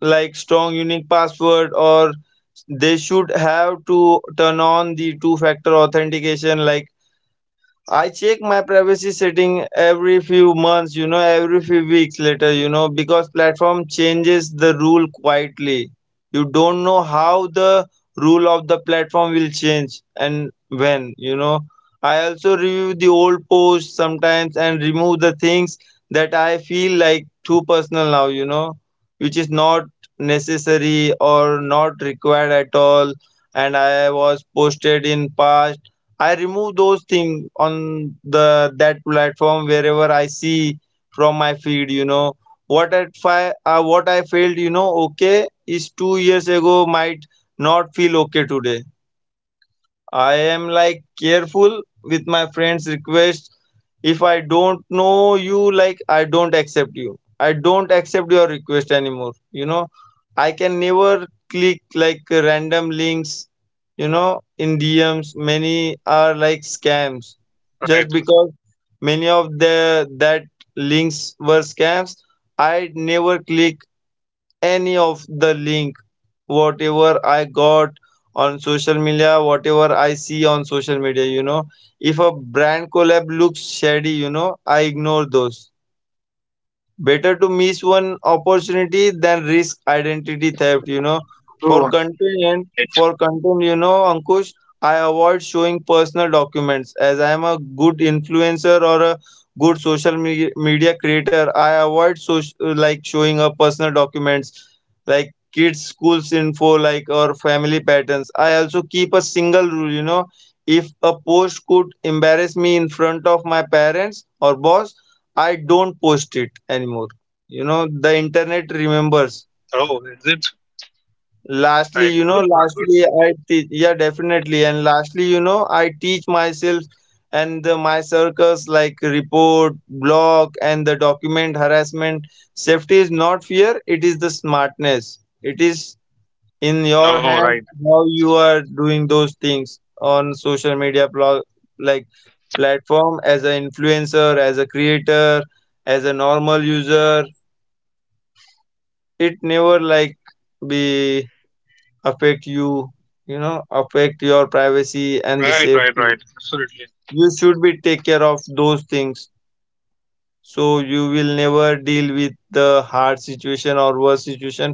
B: like strong unique password or they should have to turn on the two factor authentication. Like I check my privacy setting every few months, you know, every few weeks later, you know, because platform changes the rule quietly. You don't know how the rule of the platform will change and when, you know. I also review the old posts sometimes and remove the things that I feel like too personal now, you know, which is not necessary or not required at all and I was posted in past, I remove those things on the that platform wherever I see from my feed. You know what I felt. You know, okay, is 2 years ago might not feel okay today. I am like careful with my friends' requests, if I don't know you, like I don't accept you. I don't accept your request anymore. You know, I can never click like random links, you know, in DMs. Many are like scams. Just
A: Right.
B: because many of the that links were scams, I never click any of the link whatever I got on social media, whatever I see on social media, you know. If a brand collab looks shady, you know, I ignore those. Better to miss one opportunity than risk identity theft, you know. For
A: True.
B: content,
A: Right.
B: for content, you know, Ankush, I avoid showing personal documents as I am a good influencer or a good media creator. I avoid so like showing a personal documents like kids schools info like or family patterns. I also keep a single rule, you know, if a post could embarrass me in front of my parents or boss, I don't post it anymore. You know, the internet remembers.
A: Oh, is it?
B: Lastly,
A: Right.
B: you know,
A: Good thought. Good.
B: lastly, I teach, yeah, definitely. And lastly, you know, I teach myself and the, my circles like report, block, and the document harassment. Safety is not fear, it is the smartness. It is in your
A: No.
B: hand
A: Right.
B: how you are doing those things on social media, like platform as an influencer, as a creator, as a normal user it never like be affect you, you know, affect your privacy and the
A: Right. Right.
B: safety.
A: Right. Absolutely.
B: You should be take care of those things so you will never deal with the hard situation or worse situation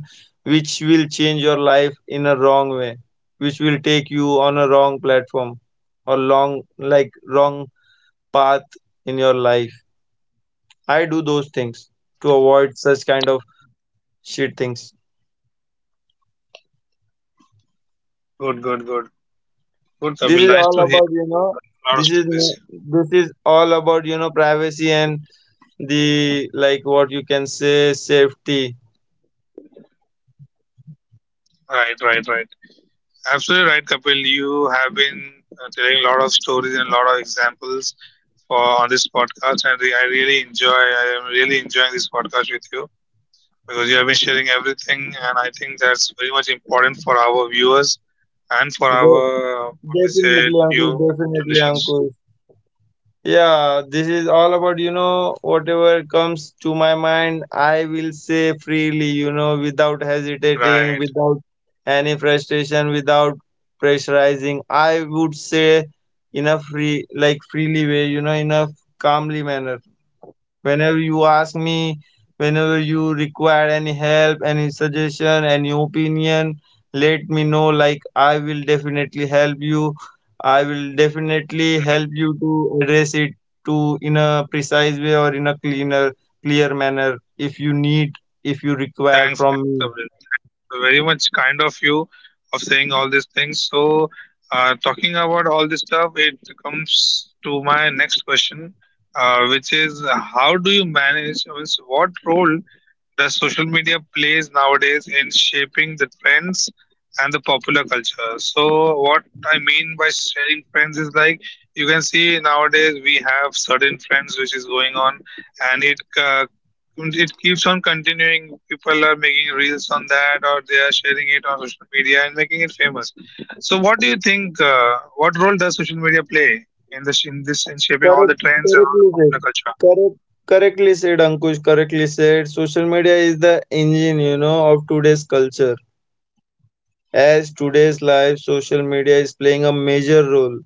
B: which will change your life in a wrong way, which will take you on a wrong platform or long like wrong path in your life. I do those things to avoid such kind of shit things.
A: Good. Good. Good. Good.
B: This
A: Kapil.
B: is
A: Nice
B: all
A: to
B: about,
A: hear.
B: you
A: So
B: know,
A: a lot of
B: this is
A: stories.
B: no-
A: Here.
B: this is all about, you know, privacy and the like what you can say safety.
A: Right. Right. Right. Absolutely right, Kapil. You have been telling a lot of stories and a lot of examples for on this podcast, and I really enjoy. I am really enjoying this podcast with you because you have been sharing everything, and I think that's very much important for our viewers and for
B: De-
A: our what we say
B: Definitely uncle,
A: new
B: definitely
A: traditions.
B: uncle. Yeah, this is all about, you know, whatever comes to my mind I will say freely, you know, without hesitating,
A: Right.
B: without any frustration, without pressurizing, I would say in a free like freely way, you know, in a calmly manner whenever you ask me, whenever you require any help, any suggestion, any opinion, let me know, like I will definitely help you. I will definitely help
A: Mm.
B: you to address it to in a precise way or in a cleaner clear manner, if you need, if you require
A: Thanks,
B: from
A: thanks,
B: me.
A: Abhil. Thanks very much, kind of you, of saying all these things. So, talking about all this stuff, it comes to my next question, which is how do you manage, I mean, so what role does social media plays nowadays in shaping the trends and the popular culture? So, what I mean by sharing trends is like you can see nowadays we have certain trends which is going on, and it it keeps on continuing. People are making reels on that, or they are sharing it on social media and making it famous. So, what do you think? What role does social media play in this in this in shaping all the
B: correct
A: trends and all the
B: correctly said
A: popular culture?
B: correct Correctly said, Ankush, correctly said. Social media is the engine, you know, of today's culture. As today's life, social media is playing a major role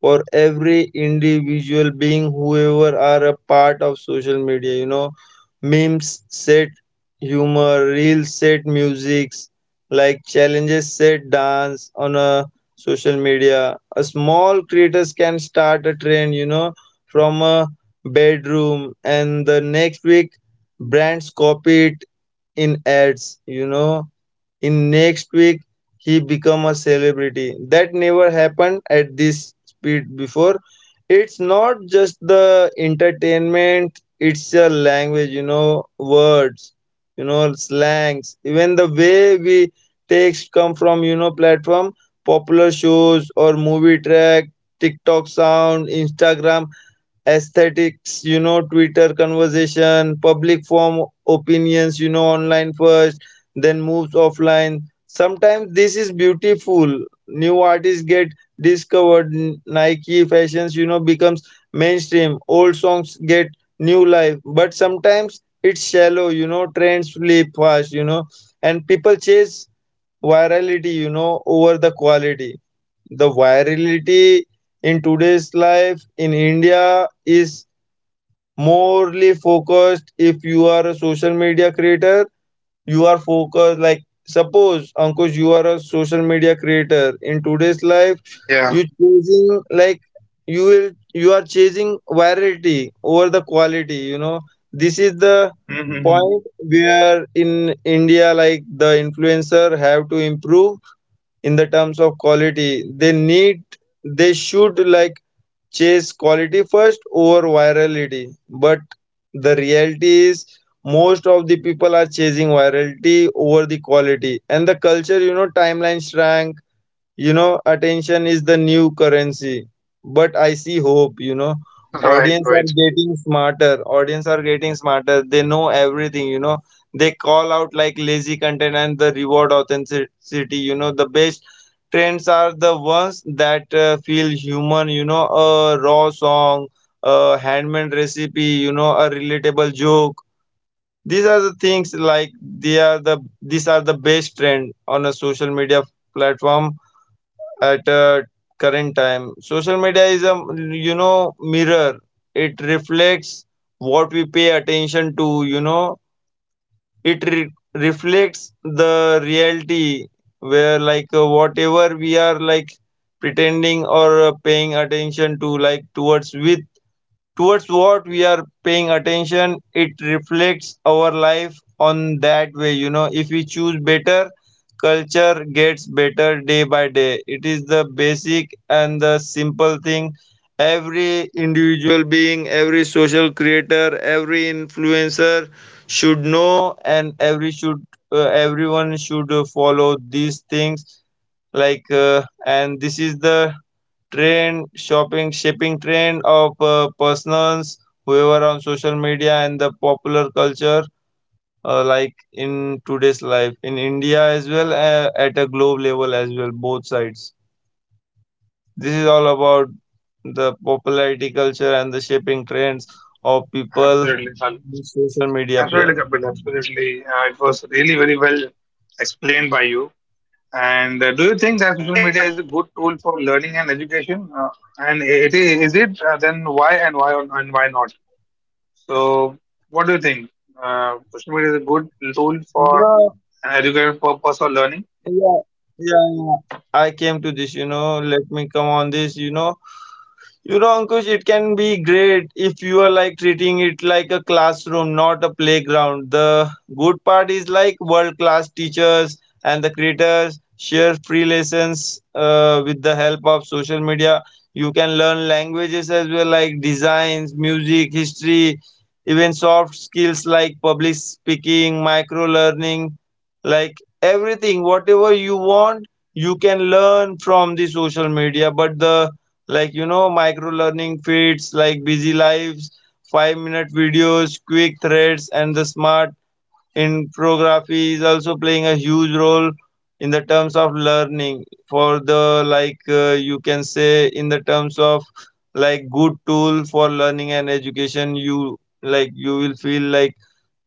B: for every individual being whoever are a part of social media. You know, memes set humor, reels set musics, like challenges set dance on a social media. A small creators can start a trend, you know, from a bedroom and the next week brands copy it in ads, you know, in next week, he become a celebrity. That never happened at this speed before. It's not just the entertainment, it's a language, you know, words, you know, slangs. Even the way we text come from, platform, popular shows or movie track, TikTok sound, Instagram aesthetics, Twitter conversation, public form opinions, online first, then moves offline. Sometimes this is beautiful. New artists get discovered. Nike fashions, becomes mainstream. Old songs get new life. But sometimes it's shallow, trends flip fast, and people chase virality, over the quality. The virality in today's life in India is morely focused. If you are a social media creator you are focused like, suppose Ankush, you are a social media creator in today's life,
A: Yeah.
B: you choosing like, you are chasing virality over the quality. This is the
A: Hmm.
B: point where in India like the influencer have to improve in the terms of quality. They need, they should like chase quality first over virality. But the reality is, most of the people are chasing virality over the quality, and the culture, timeline shrank, attention is the new currency, but I see hope,
A: Right.
B: Audience are
A: Right.
B: getting smarter. Audience are getting smarter. They know everything, They call out like lazy content and the reward authenticity, The best trends are the ones that feel human, a raw song, a handmade recipe, a relatable joke. These are the things like they are the these are the best trend on a social media platform at current time. Social media is a mirror. It reflects what we pay attention to. You know, it reflects the reality where like whatever we are like pretending or paying attention to like towards what we are paying attention. It reflects our life on that way, if we choose better, culture gets better day by day. It is the basic and the simple thing every individual being, every social creator, every influencer should know. And everyone should follow these things, and this is the trend shopping shaping trend of persons whoever on social media and the popular culture, uh, like in today's life in India as well, at a globe level as well, both sides. This is all about the popularity culture and the shaping trends of people
A: Absolutely. Salil.
B: in social media
A: Absolutely,
B: play,
A: Kapil. Absolutely. It was really very well explained by you. And do you think that social media is a good tool for learning and education? And it is it? Then why and and why not? So, what do you think? Social media is a good tool
B: you
A: for
B: know
A: an educational purpose or learning?
B: yeah. Yeah, yeah. I came to this, let me come on this, You know, Ankush, it can be great if you are like treating it like a classroom, not a playground. The good part is like world class teachers and the creators share free lessons with the help of social media. You can learn languages as well, like designs, music, history, even soft skills like public speaking, micro learning, like everything, whatever you want you can learn from the social media. But the, micro learning feeds like busy lives, 5-minute videos, quick threads, and the smart infography is also playing a huge role in the terms of learning. For the like, you can say in the terms of like good tool for learning and education, you like you will feel like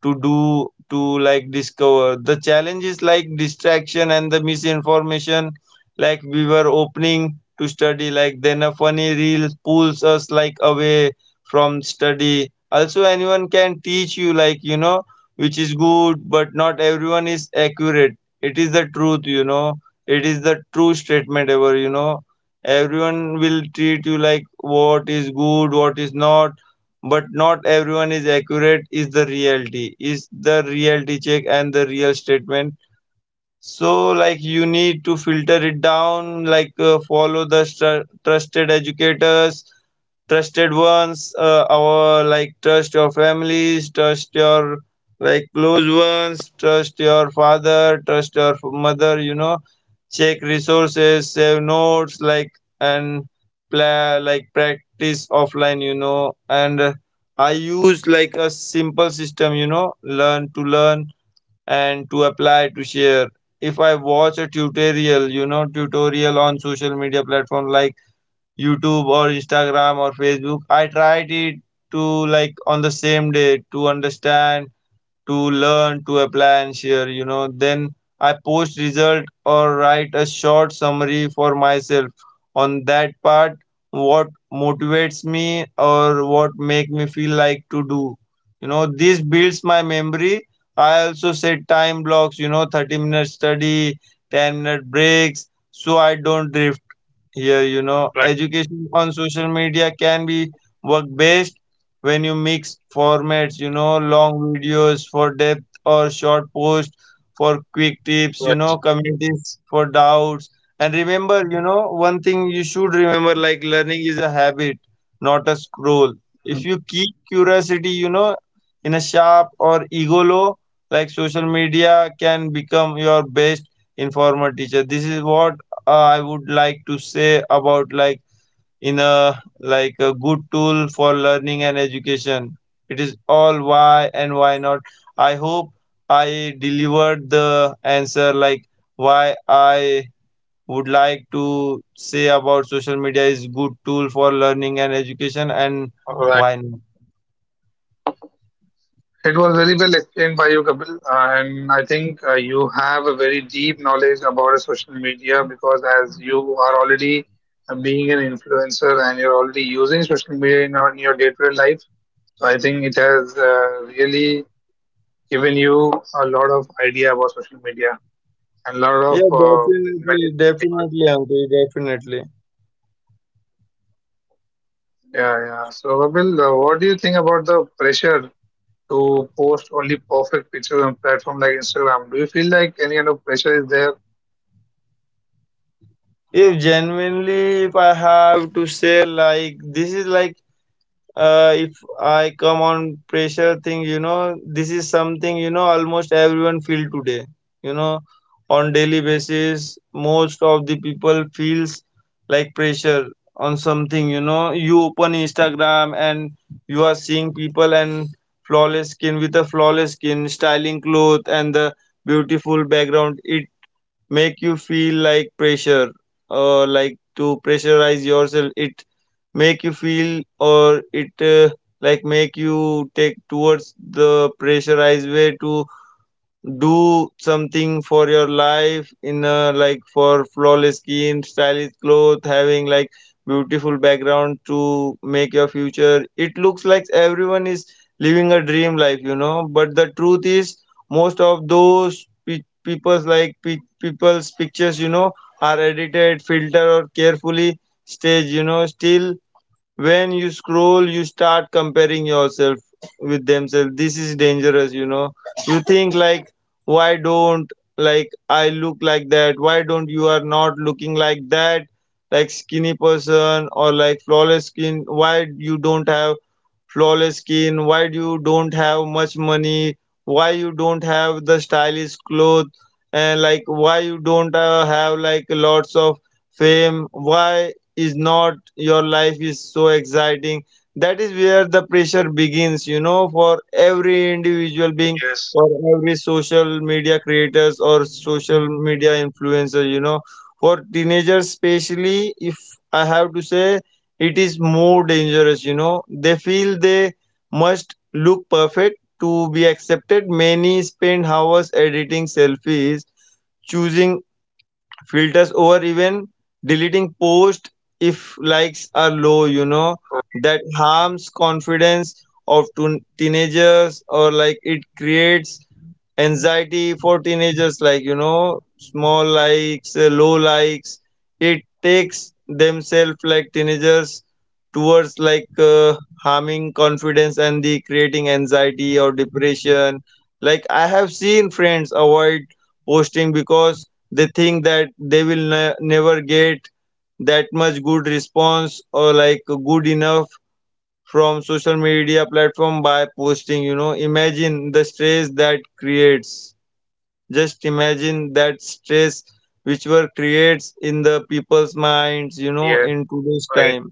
B: to do. To like discover, the challenge is like distraction and the misinformation. Like we were opening to study, like then a funny reel pulls us like away from study. Also, anyone can teach you, like, which is good, but not everyone is accurate. It is the truth, it is the true statement ever, everyone will treat you like what is good, what is not, but not everyone is accurate, is the reality, is the reality check and the real statement. So like, you need to filter it down, like follow the trusted educators, trusted ones, our like trust your families, trust your like close ones, trust your father, trust your mother, check resources, save notes, like, and play like practice offline, and I use like a simple system, learn to learn and to apply to share. If I watch a tutorial, tutorial on social media platform like YouTube or Instagram or Facebook, I tried it to like on the same day to understand, to learn, to apply and share, Then I post result or write a short summary for myself on that part what motivates me or what make me feel like to do. You know, this builds my memory. I also set time blocks, 30-minute study, 10-minute breaks, so I don't drift here,
A: Right,
B: education on social media can be work based when you mix formats, long videos for depth or short posts for quick tips,
A: right,
B: communities for doubts. And remember, one thing you should remember like learning is a habit, not a scroll. If you keep curiosity, in a sharp or ego low, like social media can become your best informer teacher. This is what I would like to say about like in a like a good tool for learning and education. It is all why and why not. I hope I delivered the answer like why I would like to say about social media is good tool for learning and education and why
A: right.
B: not.
A: It was very well explained by you, Kapil, and I think you have a very deep knowledge about social media because as you are already being an influencer and you're already using social media in, in your day-to-day life, so I think it has really given you a lot of idea about social media and a lot
B: Yeah,
A: of
B: definitely,
A: merits and
B: definitely,
A: demerits.
B: Ankit, definitely.
A: Yeah, yeah. So, Babil, what do you think about the pressure to post only perfect pictures on platform like Instagram? Do you feel like any kind of pressure is there?
B: If genuinely, if I have to say, like, this is like, if I come on pressure thing, this is something almost everyone feel today. You know, on daily basis, most of the people feels like pressure on something. You know, you open Instagram and you are seeing people and flawless skin with a flawless skin, styling cloth and the beautiful background. It make you feel like pressure, like to pressurize yourself. It make you feel, or it like make you take towards the pressurized way to do something for your life in a, like for flawless skin, stylish clothes, having like beautiful background to make your future. It looks like everyone is living a dream life, but the truth is most of those people's like people's pictures, are edited, filtered, or carefully staged, still when you scroll you start comparing yourself with themselves. This is dangerous, you think like, why don't like I look like that? Why don't you are not looking like that, like skinny person or like flawless skin? Why you don't have flawless skin? Why do you don't have much money? Why you don't have the stylish clothes? And like why you don't have like lots of fame? Why is not your life is so exciting? That is where the pressure begins, for every individual being,
A: Yes,
B: or every social media creators or social media influencer, for teenagers especially, if I have to say, it is more dangerous, they feel they must look perfect to be accepted. Many spend hours editing selfies, choosing filters, or even deleting posts if likes are low,
A: right.
B: that harms confidence of teenagers, or like it creates anxiety for teenagers. Like small likes, low likes, it takes themselves like teenagers towards like harming confidence and the creating anxiety or depression. Like I have seen friends avoid posting because they think that they will never get that much good response or like good enough from social media platform by posting, imagine the stress that creates. Just imagine that stress which were creates in the people's minds, in
A: Yes,
B: today's
A: right.
B: time.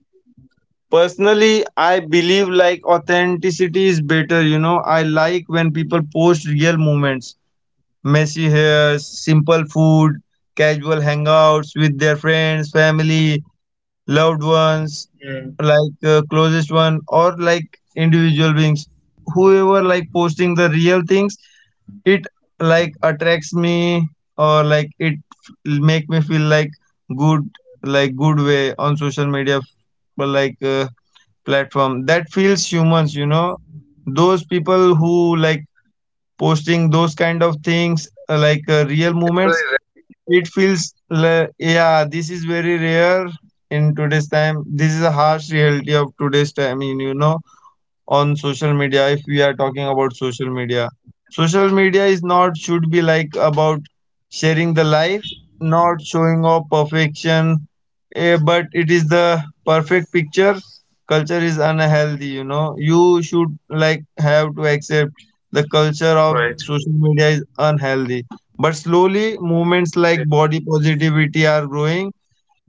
B: Personally, I believe like authenticity is better, I like when people post real moments, messy hairs, simple food, casual hangouts with their friends, family, loved ones,
A: Mm.
B: closest one or like individual beings whoever like posting the real things it like attracts me or like it make me feel like good, like good way on social media. But like platform that feels humans, you know, those people who like posting those kind of things, real
A: It's
B: moments.
A: very rare
B: It
A: nowadays.
B: feels like, yeah, this is very rare. In today's time, this is a harsh reality of today's time. I mean, you know, on social media, if we are talking about social media, social media is not should be like about sharing the life, not showing off perfection. But it is the perfect picture culture is unhealthy, you know. You should like have to accept the culture of
A: Right.
B: social media is unhealthy. But slowly movements
A: It
B: like
A: is
B: body positivity are growing.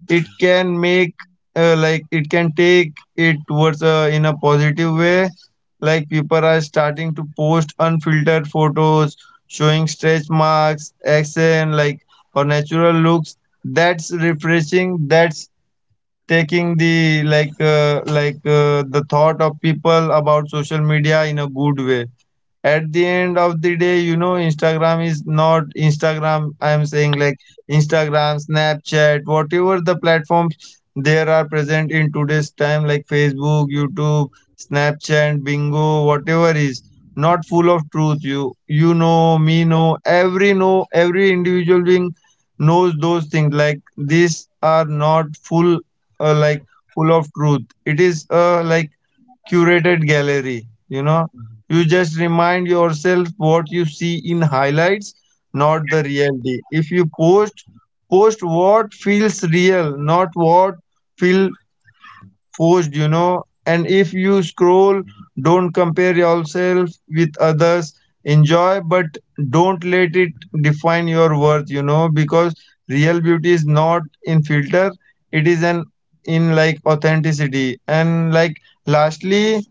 B: It can make, like it can take it towards, in a positive way. Like, people are starting to post unfiltered photos showing stretch marks accent, like, or natural looks. That's refreshing. That's taking the the thought of people about social media in a good way. At the end of the day, you know, Instagram is not Instagram, I am saying, like Instagram, Snapchat, whatever the platforms there are present in today's time, like Facebook, YouTube, Snapchat, Bingo, whatever is not full of truth. You know, every individual being knows those things, like these are not full, like full of truth. It is, like, curated gallery. You know, you just remind yourself what you see in highlights, not
A: right.
B: the reality. If you post, post what feels real, not what feel forced. You know, and if you scroll, don't compare yourself with others. Enjoy, but don't let it define your worth. You know, because real beauty is not in filter; it is an in, like, authenticity. And, like, lastly,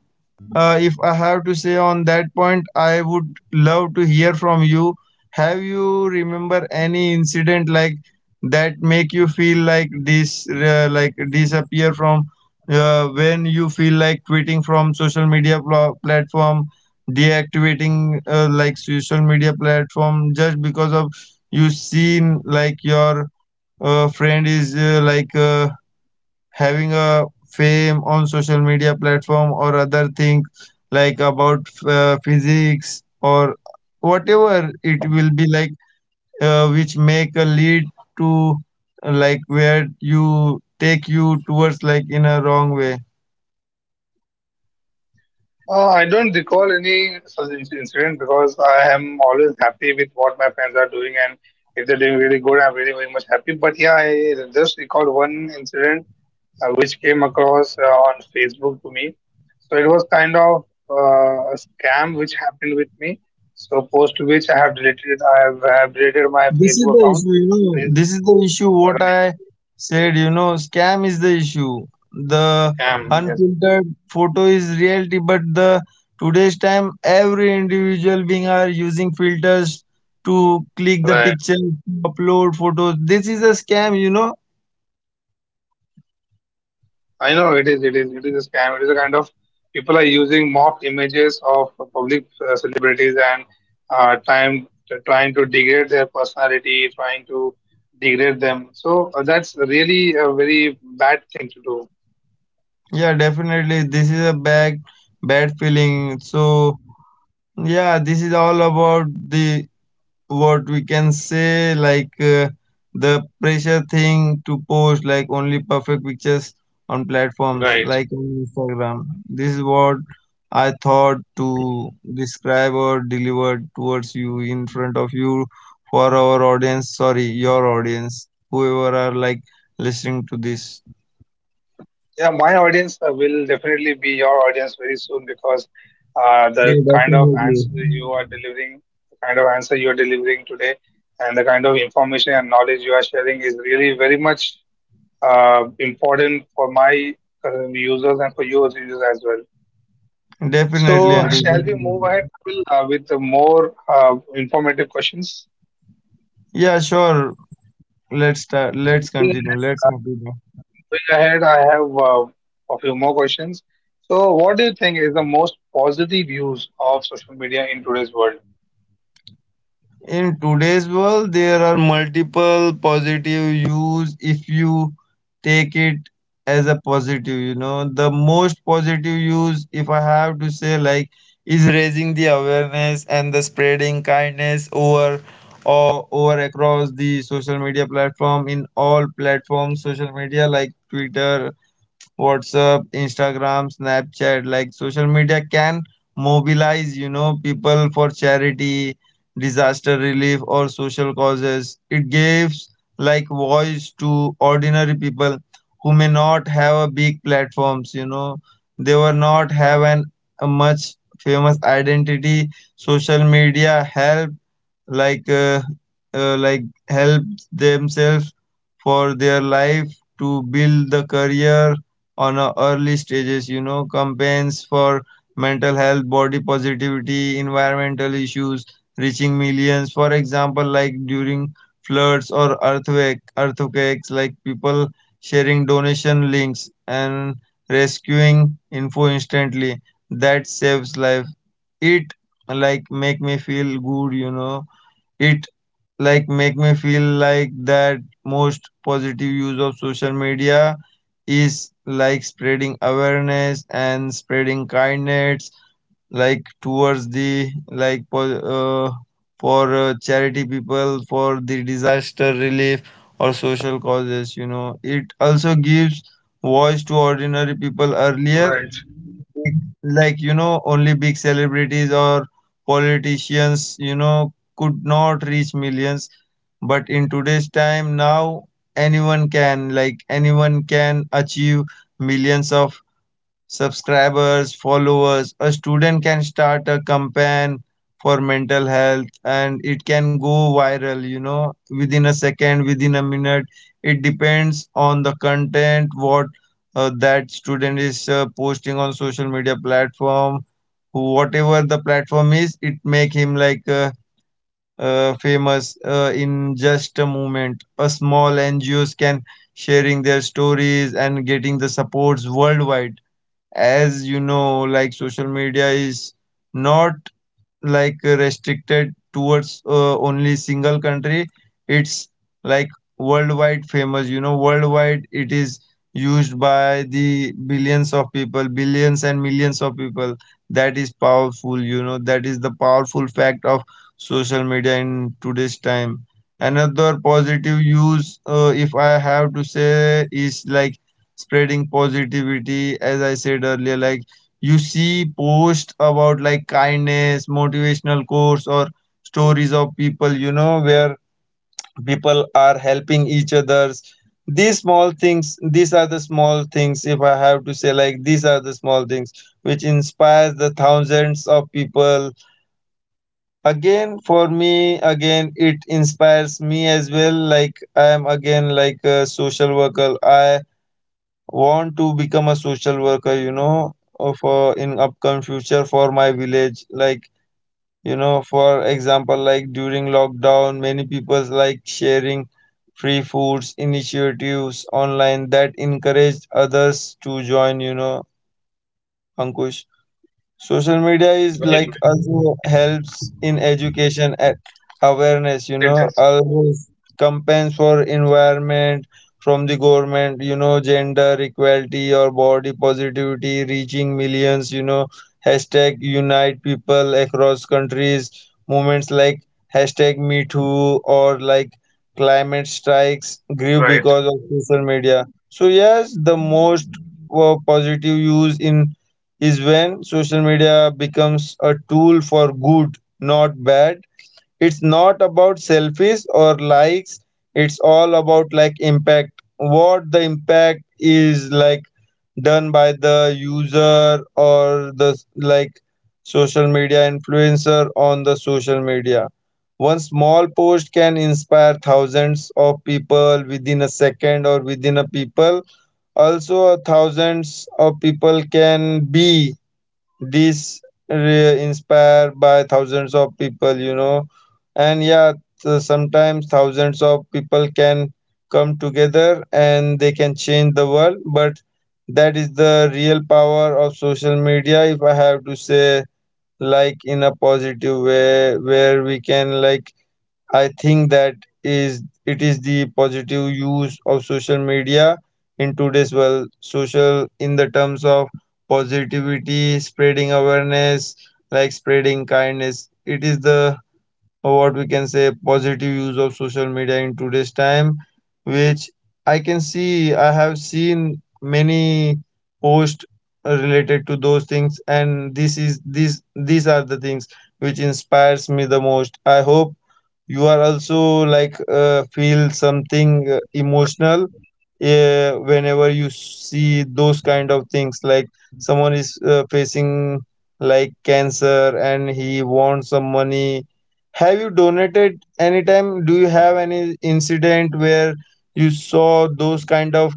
B: if I have to say on that point, I would love to hear from you. Have you remember any incident like that make you feel like this, like disappear from, when you feel like quitting from social media platform, deactivating, like, social media platform, just because of you seen like your, friend is, having a fame on social media platform or other thing, like, about, physics or whatever it will be, like, which make a lead to, like, where you take you towards like in a wrong way.
A: I don't recall any such incident because I am always happy with what my friends are doing, and if they're doing really good, I'm really very much happy. But yeah, I just recall one incident which came across on Facebook to me. So it was kind of a scam which happened with me. So post which I have deleted, I have deleted my
B: This is
A: Facebook
B: the
A: account.
B: issue, you
A: It
B: know.
A: is
B: This is the issue. What
A: right
B: I said, you know, scam is the issue. The
A: scam, yes,
B: unfiltered photo is reality, but the today's time, every individual being are using filters to click the
A: right.
B: picture, upload photos. This is a scam, you know.
A: I know it is, it is a scam. It is a kind of people are using mock images of public celebrities and time trying to degrade their personality, trying to degrade them. So that's really a very bad thing to do.
B: Yeah, definitely. This is a bad, bad feeling. So yeah, this is all about the what we can say, the pressure thing to post like only perfect pictures on platforms
A: Right.
B: like on Instagram. This is what I thought to describe or deliver towards you in front of you for our audience. Sorry, your audience, whoever are like listening to this.
A: Yeah, my audience will definitely be your audience very soon because the
B: Yeah,
A: kind of
B: definitely.
A: answer you are delivering, the kind of answer you are delivering today, and the kind of information and knowledge you are sharing is really very much important for my users and for your users as well.
B: Definitely,
A: So,
B: Ankush,
A: shall we move
B: definitely.
A: ahead, Kapil, with the more informative questions?
B: Yeah, sure. Let's start.
A: So,
B: Let's continue. Let's continue.
A: moving ahead, I have a few more questions. So, what do you think is the most positive use of social media in today's world?
B: In today's world, there are multiple positive use if you take it as a positive, you know. The most positive use, if I have to say, like, is raising the awareness and the spreading kindness over or over across the social media platform, in all platforms, social media like Twitter, WhatsApp, Instagram, Snapchat. Like, social media can mobilize, you know, people for charity, disaster relief, or social causes. It gives like voice to ordinary people who may not have a big platforms, you know. They were not have an a much famous identity. Social media help, like uh, like help themselves for their life to build the career on a early stages, you know. Campaigns for mental health, body positivity, environmental issues reaching millions. For example, like, during floods or earthquakes, like people sharing donation links and rescuing info instantly. That saves life. It like make me feel good, you know. It like make me feel like that most positive use of social media is like spreading awareness and spreading kindness, like towards the like uh, for, charity people, for the disaster relief or social causes, you know. It also gives voice to ordinary people. Earlier,
A: Right,
B: like, you know, only big celebrities or politicians, you know, could not reach millions. But in today's time now, anyone can, like, anyone can achieve millions of subscribers, followers. A student can start a campaign for mental health and it can go viral, you know, within a second, within a minute. It depends on the content, what, that student is, posting on social media platform. Whatever the platform is, it make him like, famous, in just a moment. A small NGOs can sharing their stories and getting the supports worldwide. As you know, like, social media is not like restricted towards, only single country. It's like worldwide famous, you know. Worldwide, it is used by the billions of people, billions and millions of people. That is powerful, you know. That is the powerful fact of social media in today's time. Another positive use, if I have to say, is like spreading positivity. As I said earlier, like, you see posts about like kindness, motivational course, or stories of people, you know, where people are helping each others. These small things, these are the small things, if I have to say, like, these are the small things which inspires the thousands of people. Again, for me, again, it inspires me as well. Like, I am again like a social worker. I want to become a social worker, you know, for in upcoming future for my village. Like, you know, for example, like during lockdown many people like sharing free foods initiatives online that encouraged others to join, you know, Ankush. Social media is
A: right,
B: like
A: right.
B: also helps in education and awareness, you
A: It
B: know.
A: does.
B: Always campaigns for environment from the government, you know, gender equality or body positivity reaching millions, you know. Hashtag unite people across countries. Movements like hashtag me too or like climate strikes grew
A: Right,
B: because of social media. So yes, the most, positive use in is when social media becomes a tool for good, not bad. It's not about selfies or likes. It's all about like impact. What the impact is like done by the user or the like social media influencer on the social media. One small post can inspire thousands of people within a second or within a people. Also, thousands of people can be this inspired by thousands of people, you know. And yeah, so sometimes thousands of people can come together and they can change the world. But that is the real power of social media, if I have to say, like in a positive way, where we can like I think that is it is the positive use of social media in today's world. Social in the terms of positivity, spreading awareness, like spreading kindness. It is the or what we can say positive use of social media in today's time which I can see. I have seen many posts related to those things, and this is these are the things which inspires me the most. I hope you are also like, feel something,
A: right.
B: emotional, whenever you see those kind of things, like, someone is, facing like cancer and he wants some money. Have you donated anytime? Do you have any incident where you saw those kind of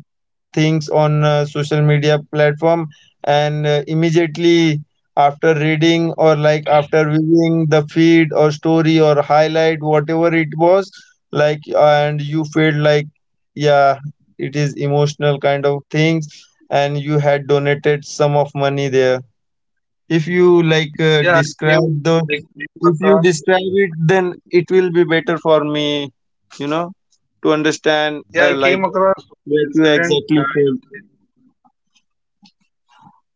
B: things on, social media platform and, immediately after reading or like after viewing the feed or story or highlight, whatever it was, like, and you felt like, yeah, it is emotional kind of things, and you had donated sum of money there. If you like describe the,
A: I came
B: if you
A: across,
B: describe
A: yeah,
B: it,
A: I
B: then
A: came,
B: it will be better for me, you know, to understand,
A: yeah, I
B: like,
A: came across one
B: what you
A: incident.
B: exactly felt.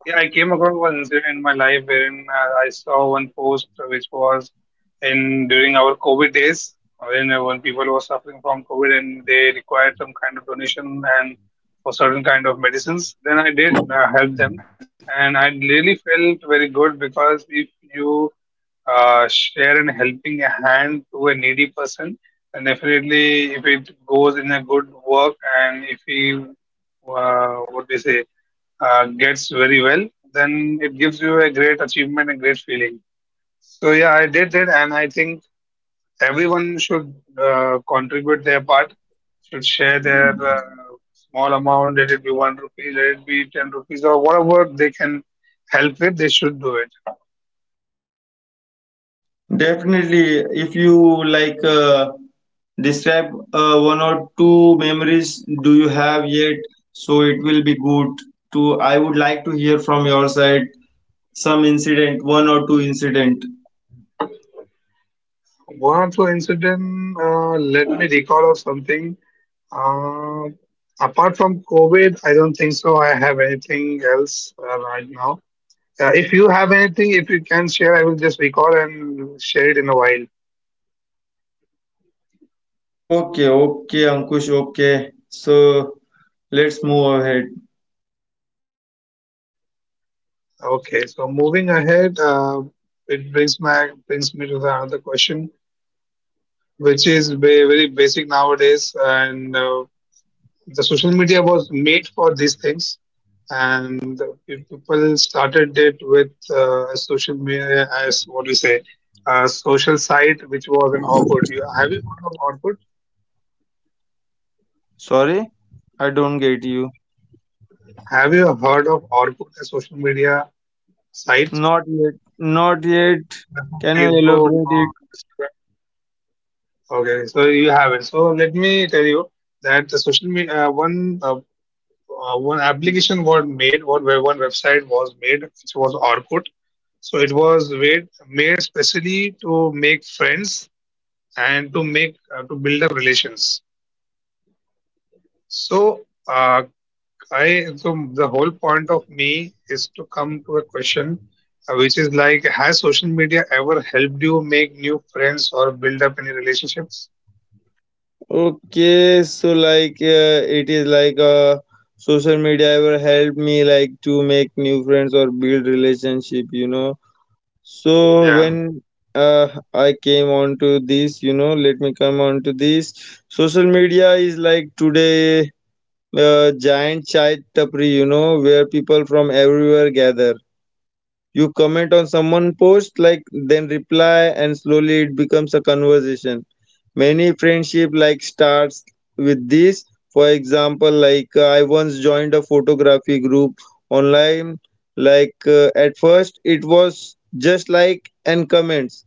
A: Yeah, I came across one incident in my life wherein I saw one post which was in during our COVID days, when people were suffering from COVID and they required some kind of donation and for certain kind of medicines. Then I did help them, and I really felt very good because if you share an helping hand to a needy person, then definitely if it goes in a good work and if he what do you say? Gets very well, then it gives you a great achievement and great feeling. So yeah, I did it, and I think everyone should contribute their part, should share their small amount, let it be 1 rupee, let it be 10 rupees, or whatever they can help with, they should do it.
B: Definitely, if you like, describe, one or two memories, do you have yet, so it will be good to, I would like to hear from your side some incident, one or two incident.
A: One or two incident, let me recall of something. Uh, apart from COVID, I don't think so. I have anything else right now. If you have anything, if you can share, I will just recall and share it in a while.
B: Okay, okay, Ankush, okay. So let's move ahead.
A: Okay, so it brings my brings me to the another question, which is very, very basic nowadays, and the social media was made for these things, and the people started it with a social media as what we say, a social site, which was an output. You, have you heard of output?
B: Sorry, I don't get you.
A: Have you heard of output, a social media site?
B: Not yet. Not yet.
A: Just like
B: Can you
A: Facebook
B: elaborate it?
A: or Instagram. Okay, so you have it. So let me tell you that the social media one application was made, one where one website was made, which was Orkut. So it was made specially to make friends and to make to build up relations. So I so the whole point of me is to come to a question, which is like, has social media ever helped you make new friends or build up any relationships?
B: Okay, so like, it is like, social media ever helped me like to make new friends or build relationship, you know. So
A: Yeah,
B: when, uh, I came on to this, you know, let me come on to this. Social media is like today, giant chai tapri, you know, where people from everywhere gather. You comment on someone post, like, then reply, and slowly it becomes a conversation. Many friendship like starts with this. For example, like I once joined a photography group online. At first, it was just like and comments,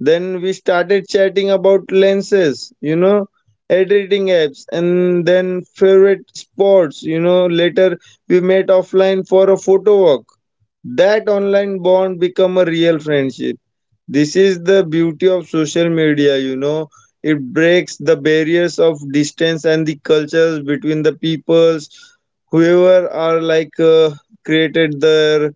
B: then we started chatting about lenses, you know, editing apps, and then favorite sports. You know, later we met offline for a photo walk. That online bond become a real friendship. This is the beauty of social media, you know. It breaks the barriers of distance and the cultures between the peoples whoever are like, created their,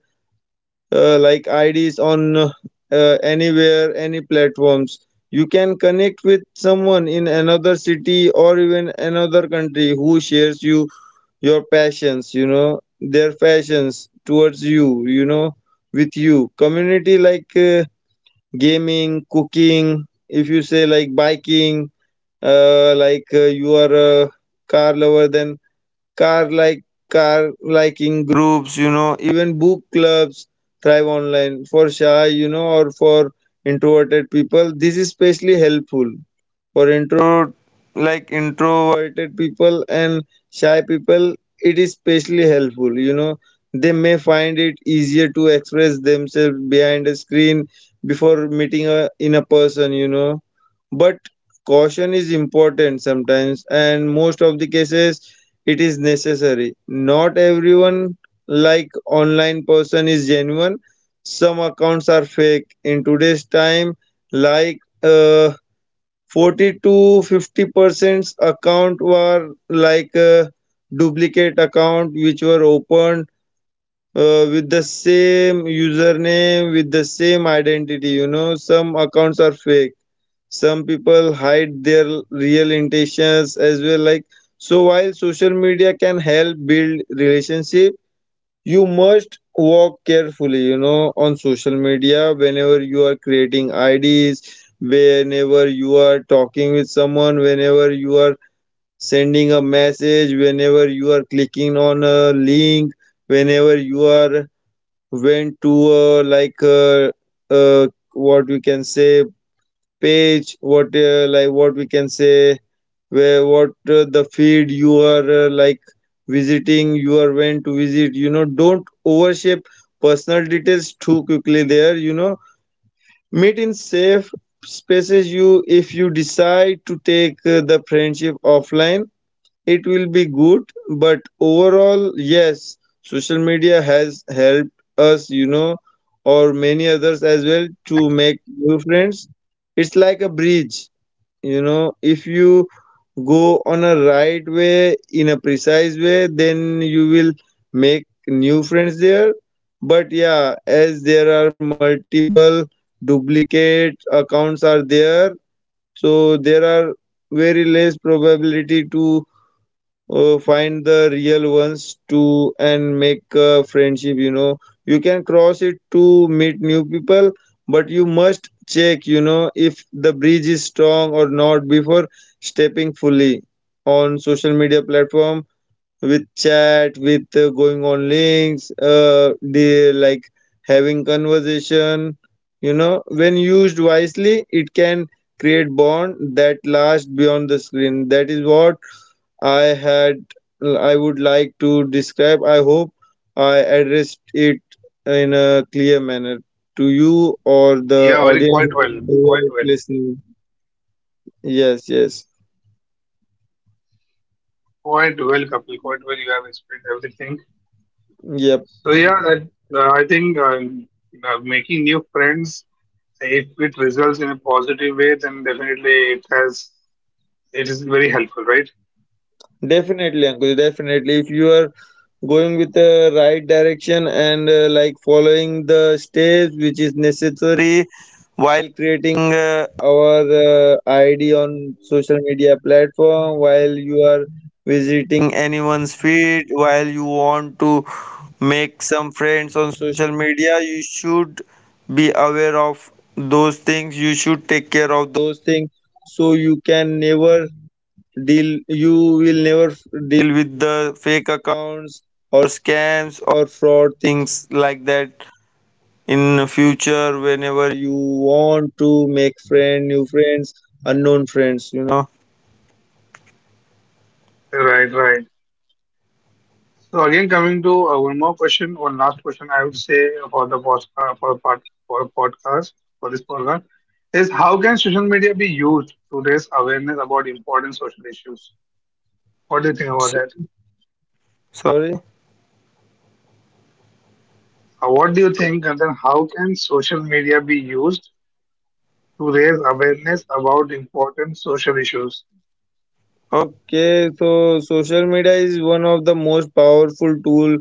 B: like, IDs on, anywhere, any platforms. You can connect with someone in another city or even another country who shares you your passions, you know, their passions towards you, you know, with you. Community like, gaming, cooking, if you say like biking, you are a car lover, then car like car liking groups, you know, even book clubs thrive online. For shy, you know, or for introverted people, this is especially helpful. For introverted people and shy people, it is especially helpful. You know, they may find it easier to express themselves behind a screen before meeting a, in a person, you know. But caution is important sometimes, and most of the cases, it is necessary. Not everyone like online person is genuine. Some accounts are fake. In today's time, like uh, 40 to 50% account were duplicate account which were opened with the same username with the same identity, you know, some accounts are fake, some people hide their real intentions as well, so while social media can help build relationships, you must walk carefully, you know, on social media whenever you are creating IDs, whenever you are talking with someone, whenever you are sending a message, whenever you are clicking on a link, whenever you are went to a like a, uh what we can say page, what like what we can say where what the field you are visiting, you are went to visit, you know, don't overshare personal details too quickly there, you know, meet in safe spaces. You if you decide to take the friendship offline, it will be good, but overall, yes, social media has helped us, you know, or many others as well, to make
A: absolutely.
B: new friends. It's like a bridge, you know, if you go on a right way, in a precise way, then you will make new friends there. But yeah, as there are multiple duplicate accounts are there, so there are very less probability to find the real ones too and make a friendship, you know, you can cross it to meet new people, but you must check, you know, if the bridge is strong or not before stepping fully on social media platform with chat, with going on links, the like having conversation, you know, when used wisely, it can create bond that lasts beyond the screen. That is what I had I would like to describe. I hope I addressed it in a clear manner to you or
A: You
B: the
A: have very
B: audience
A: quite well,
B: who
A: quite
B: are
A: well,
B: listening. Yes, yes.
A: quite well, Kapil, quite well. You have explained everything.
B: Yep.
A: So yeah, that's I think making new friends, if it results in a positive way, then definitely it is very helpful, right?
B: Definitely, Ankush. Definitely, if you are going with the right direction and like following the steps which is necessary while creating our ID on social media platform, while you are visiting anyone's feed, while you want to make some friends on social media, you should be aware of those things. You should take care of those things, so you can never deal you will never f- deal with the fake accounts or scams or fraud things like that in future whenever you want to make friend new friends, unknown friends, you know.
A: Right, right. So again, coming to one more question, one last question, I would say for the podcast, for part for podcast for this program is how can social media be used to raise awareness about important social issues? What do you think about
B: S-
A: that?
B: Sorry.
A: What do you think, and then how can social media be used to raise awareness about important social issues?
B: Okay, so social media is one of the most powerful tool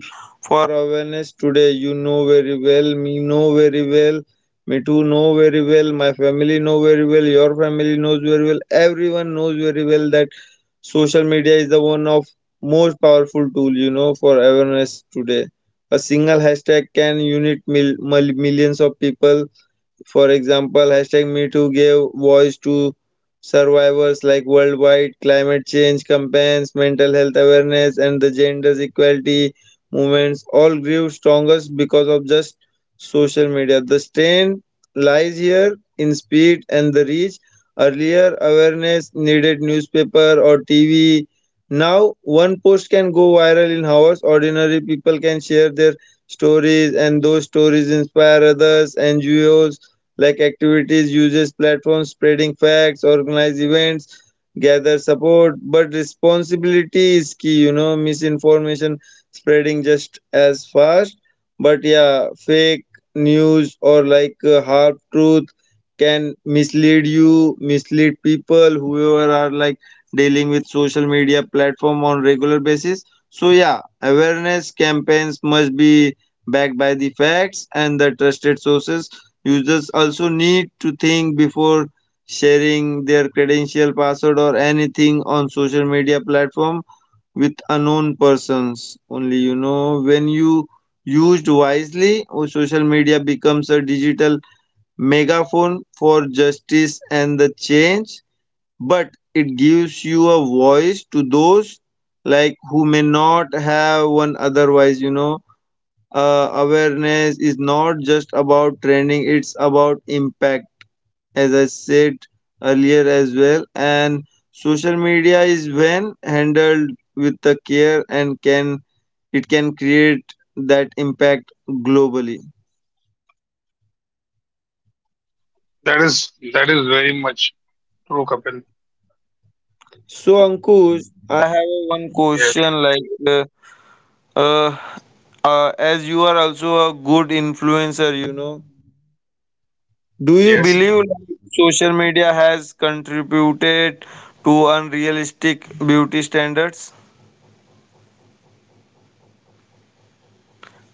B: for awareness today. You know very well, me know very well, me too know very well, my family know very well, your family knows very well, everyone knows very well that social media is the one of most powerful tool, you know, for awareness today. A single hashtag can unite millions of people, for example, hashtag MeToo gave voice to survivors, like worldwide climate change campaigns, mental health awareness, and the gender equality movements all grew strongest because of just social media. The strain lies here in speed and the reach. Earlier, awareness needed newspaper or TV. Now, one post can go viral in hours. Ordinary people can share their stories, and those stories inspire others. NGOs like activities, uses platforms, spreading facts, organize events, gather support. But responsibility is key, you know, misinformation spreading just as fast. But yeah, fake news or half truth can mislead you, mislead people, whoever are like dealing with social media platform on regular basis. So yeah, awareness campaigns must be backed by the facts and the trusted sources. Users also need to think before sharing their credential, password, or anything on social media platform with unknown persons. Only you know when you used wisely, oh, social media becomes a digital megaphone for justice and the change, but it gives you a voice to those like who may not have one otherwise, you know. Uh, awareness is not just about training, it's about impact, as I said earlier as well. And social media is when handled with the care and can it can create that impact globally.
A: That is that is very much true, Kapil.
B: So, Ankush, I have a one
A: Yes,
B: question like, uh, as you are also a good influencer, you know, do you
A: yes.
B: believe like, social media has contributed to unrealistic beauty standards?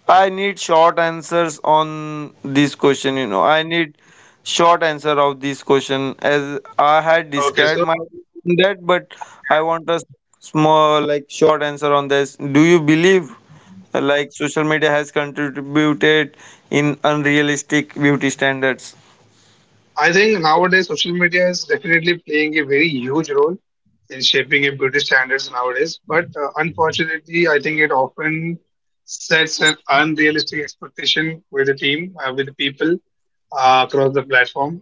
B: I need short answers on this question, you know. I need short answer of this question as I had
A: Okay,
B: described my
A: so
B: that, but
A: yeah,
B: I want a small like short answer on this. Do you believe like social media has contributed in unrealistic beauty standards?
A: I think nowadays social media is definitely playing a very huge role in shaping in beauty standards nowadays. But unfortunately, I think it often sets an unrealistic expectation with the team, with the people across the platform.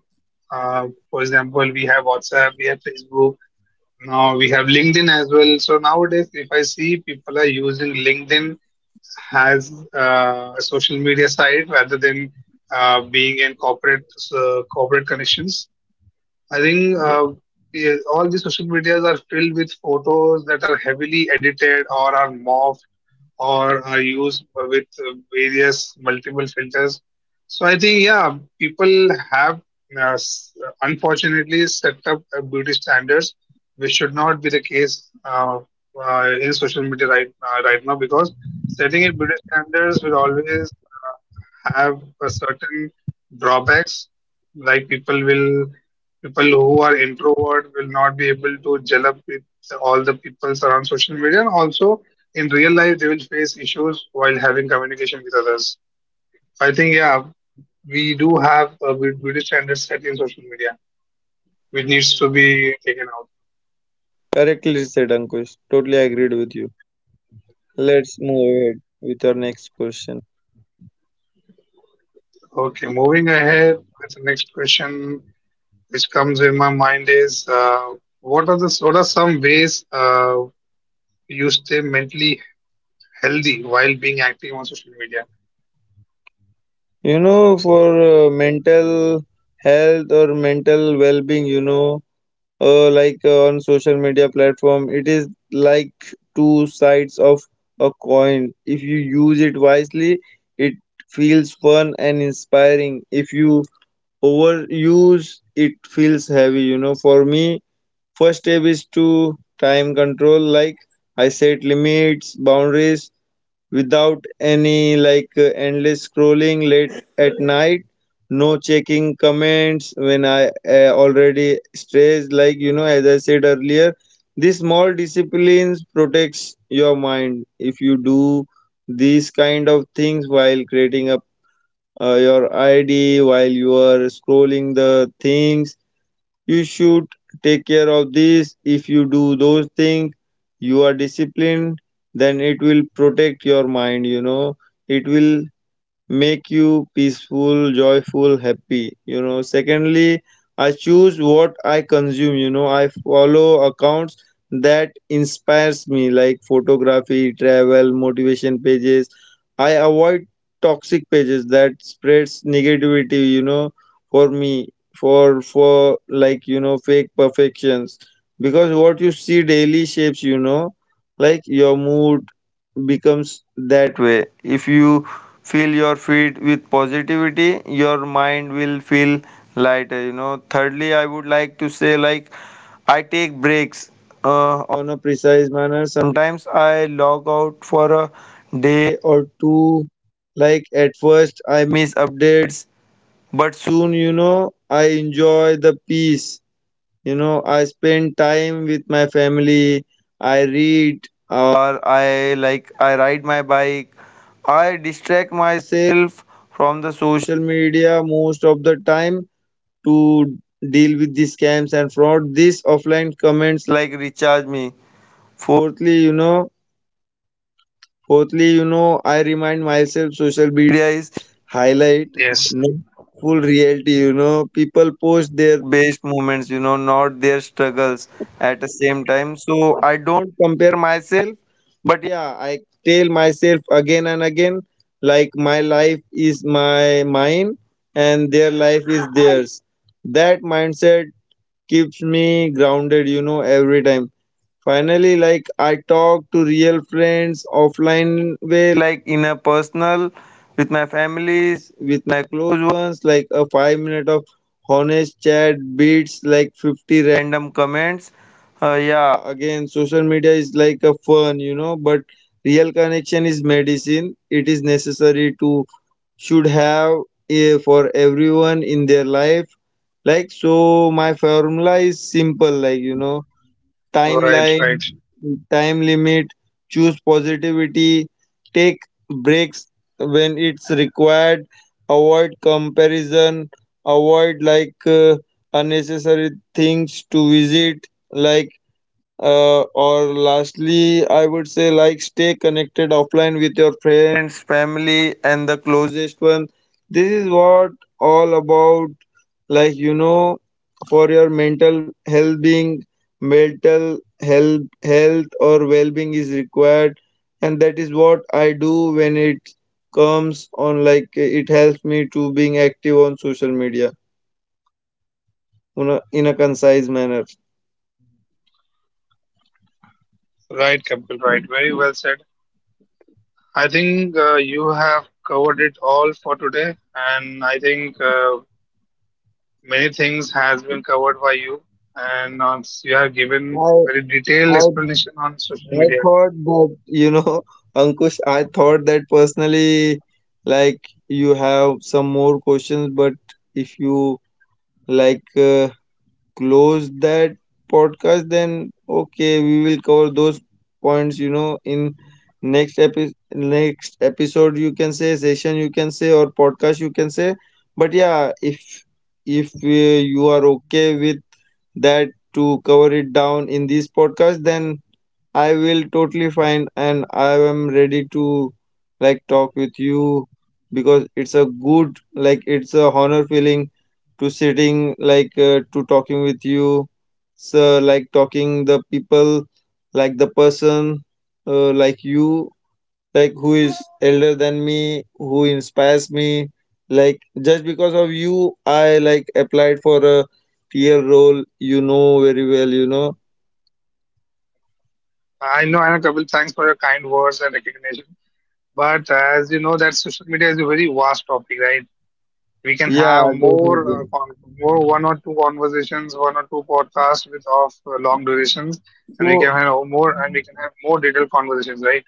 A: For example, we have WhatsApp, we have Facebook, now we have LinkedIn as well. So nowadays, if I see people are using LinkedIn has a social media side rather than being in corporate corporate connections. I think yeah, all the social medias are filled with photos that are heavily edited or are morphed or are used with various multiple filters. So I think yeah, people have uh, s- unfortunately set up beauty standards, which should not be the case in social media right now because setting a beauty standards will always uh, have a certain drawbacks like people who are introvert will not be able to gel up with all the people around social media. And also, in real life, they will face issues while having communication with others. So, I think, yeah, we do have a good- beauty standard set in social media, which needs to be taken out.
B: Correctly said, Ankush. Totally agreed with you. Let's move ahead with our next question.
A: Okay, moving ahead with the next question, which comes in my mind is, what are some ways you stay mentally healthy while being active on social media?
B: You know, for mental health or mental well being, you know, on social media platform, it is like two sides of a coin. If you use it wisely, it feels fun and inspiring. If you overuse it, feels heavy, you know. For me, first step is to time control, like I set limits, boundaries, without any endless scrolling late at night, no checking comments when I already stressed, like, you know, as I said earlier, these small disciplines protects your mind. If you do these kind of things while creating up your ID, while you are scrolling the things, you should take care of this. If you do those things, you are disciplined, then it will protect your mind, you know. It will make you peaceful, joyful, happy. You know, secondly, I choose what I consume. You know, I follow accounts that inspires me, like photography, travel, motivation pages. I avoid toxic pages that spreads negativity, you know, for me, for like, you know, fake perfections, because what you see daily shapes, you know, like your mood becomes that way. If you fill your feet with positivity, your mind will feel lighter, you know. Thirdly, I would like to say, like, I take breaks on a precise manner. Sometimes I log out for a day or two, like at first I miss updates, but soon, you know, I enjoy the peace, you know. I spend time with my family, I read, or I ride my bike. I distract myself from the social media most of the time to deal with the scams and fraud. These offline comments like recharge me. Fourthly, you know, Fourthly, you know, I remind myself social media is highlight,
A: Yes,
B: not full reality. You know, people post their best moments, you know, not their struggles at the same time. So I don't compare myself, but yeah, I tell myself again and again, like my life is my mine and their life is theirs. That mindset keeps me grounded, you know, every time. Finally, like I talk to real friends offline way, like in a personal, with my families, with my close ones, like a 5 minute of honest chat beats like 50 random comments. Yeah, again, social media is like a fun, you know, but real connection is medicine. It is necessary to should have for everyone in their life. Like so, my formula is simple, like, you know,
A: right, right,
B: timeline,
A: right.
B: time limit, choose positivity, take breaks when it's required, avoid comparison, avoid unnecessary things to visit, like or lastly, I would say, like, stay connected offline with your friends, family, and the closest one. This is what all about, like, you know, for your mental health being, mental health or well-being is required, and that is what I do when it comes on. Like it helps me to being active on social media in a concise manner.
A: Right, Kapil, right. Very well said. I think you have covered it all for today, and I think many things has been covered by you, and you have given
B: I
A: very detailed
B: I
A: explanation on social
B: I
A: media.
B: thought that, you know, Ankush, I thought that personally, like, you have some more questions, but if you like uh, close that podcast, then okay, we will cover those points, you know, in next episode, you can say, session, you can say, or podcast, you can say. But yeah, if you are okay with that to cover it down in this podcast, then I will totally fine and I am ready to like talk with you because it's a good like it's a honor feeling to sitting like to talking with you, so like talking the people like the person like you, like who is elder than me, who inspires me, like just because of you I like applied for a TL role, you know very well, you know.
A: I know, Kapil. Thanks for your kind words and recognition. But as you know, that social media is a very vast topic, right? We can
B: Yeah,
A: have more,
B: definitely.
A: con more one or two conversations, one or two podcasts with of long durations,
B: So
A: and we can have more detailed conversations, right?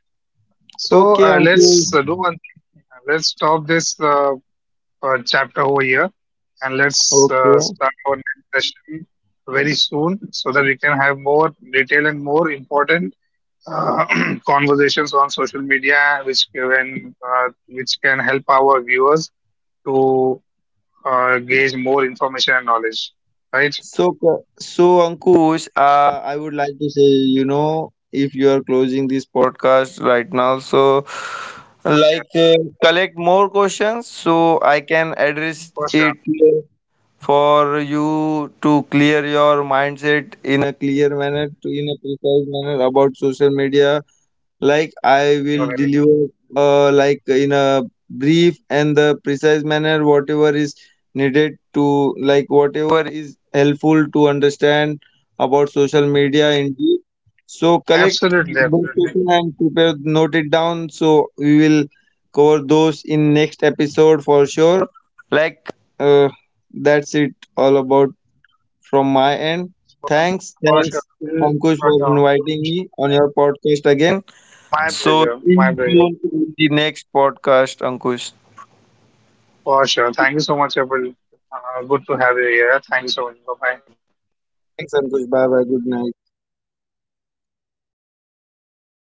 A: So
B: okay,
A: uh,
B: Ankush.
A: let's uh, do one thing. Let's stop this chapter over here and let's
B: Okay.
A: start our next session very soon so that we can have more detailed and more important uh, conversations on social media which which can help our viewers to gauge more information and knowledge. Right?
B: So, so Ankush, I would like to say, you know, if you are closing this podcast right now, so like
A: Yes,
B: uh, collect more questions so I can address
A: for
B: it
A: sure.
B: for you to clear your mindset in a clear manner, to in a precise manner about social media, like I
A: No
B: will
A: range.
B: deliver like in a brief and the precise manner whatever is needed to like whatever is helpful to understand about social media indeed. So collect
A: Absolutely,
B: those
A: absolutely.
B: questions and prepare note it down so we will cover those in next episode for sure. Like uh, that's it all about from my end.
A: For sure, for
B: Thanks
A: sure. I will
B: Ankush
A: jot
B: for
A: down more
B: inviting me
A: questions.
B: on
A: Yeah.
B: your podcast again.
A: My
B: So,
A: pleasure.
B: see
A: My pleasure.
B: you in the next podcast, Ankush.
A: For sure. Thank you so much, April. Good to have you here. Thanks so much. Bye bye.
B: Thanks, Ankush. Bye bye. Good night.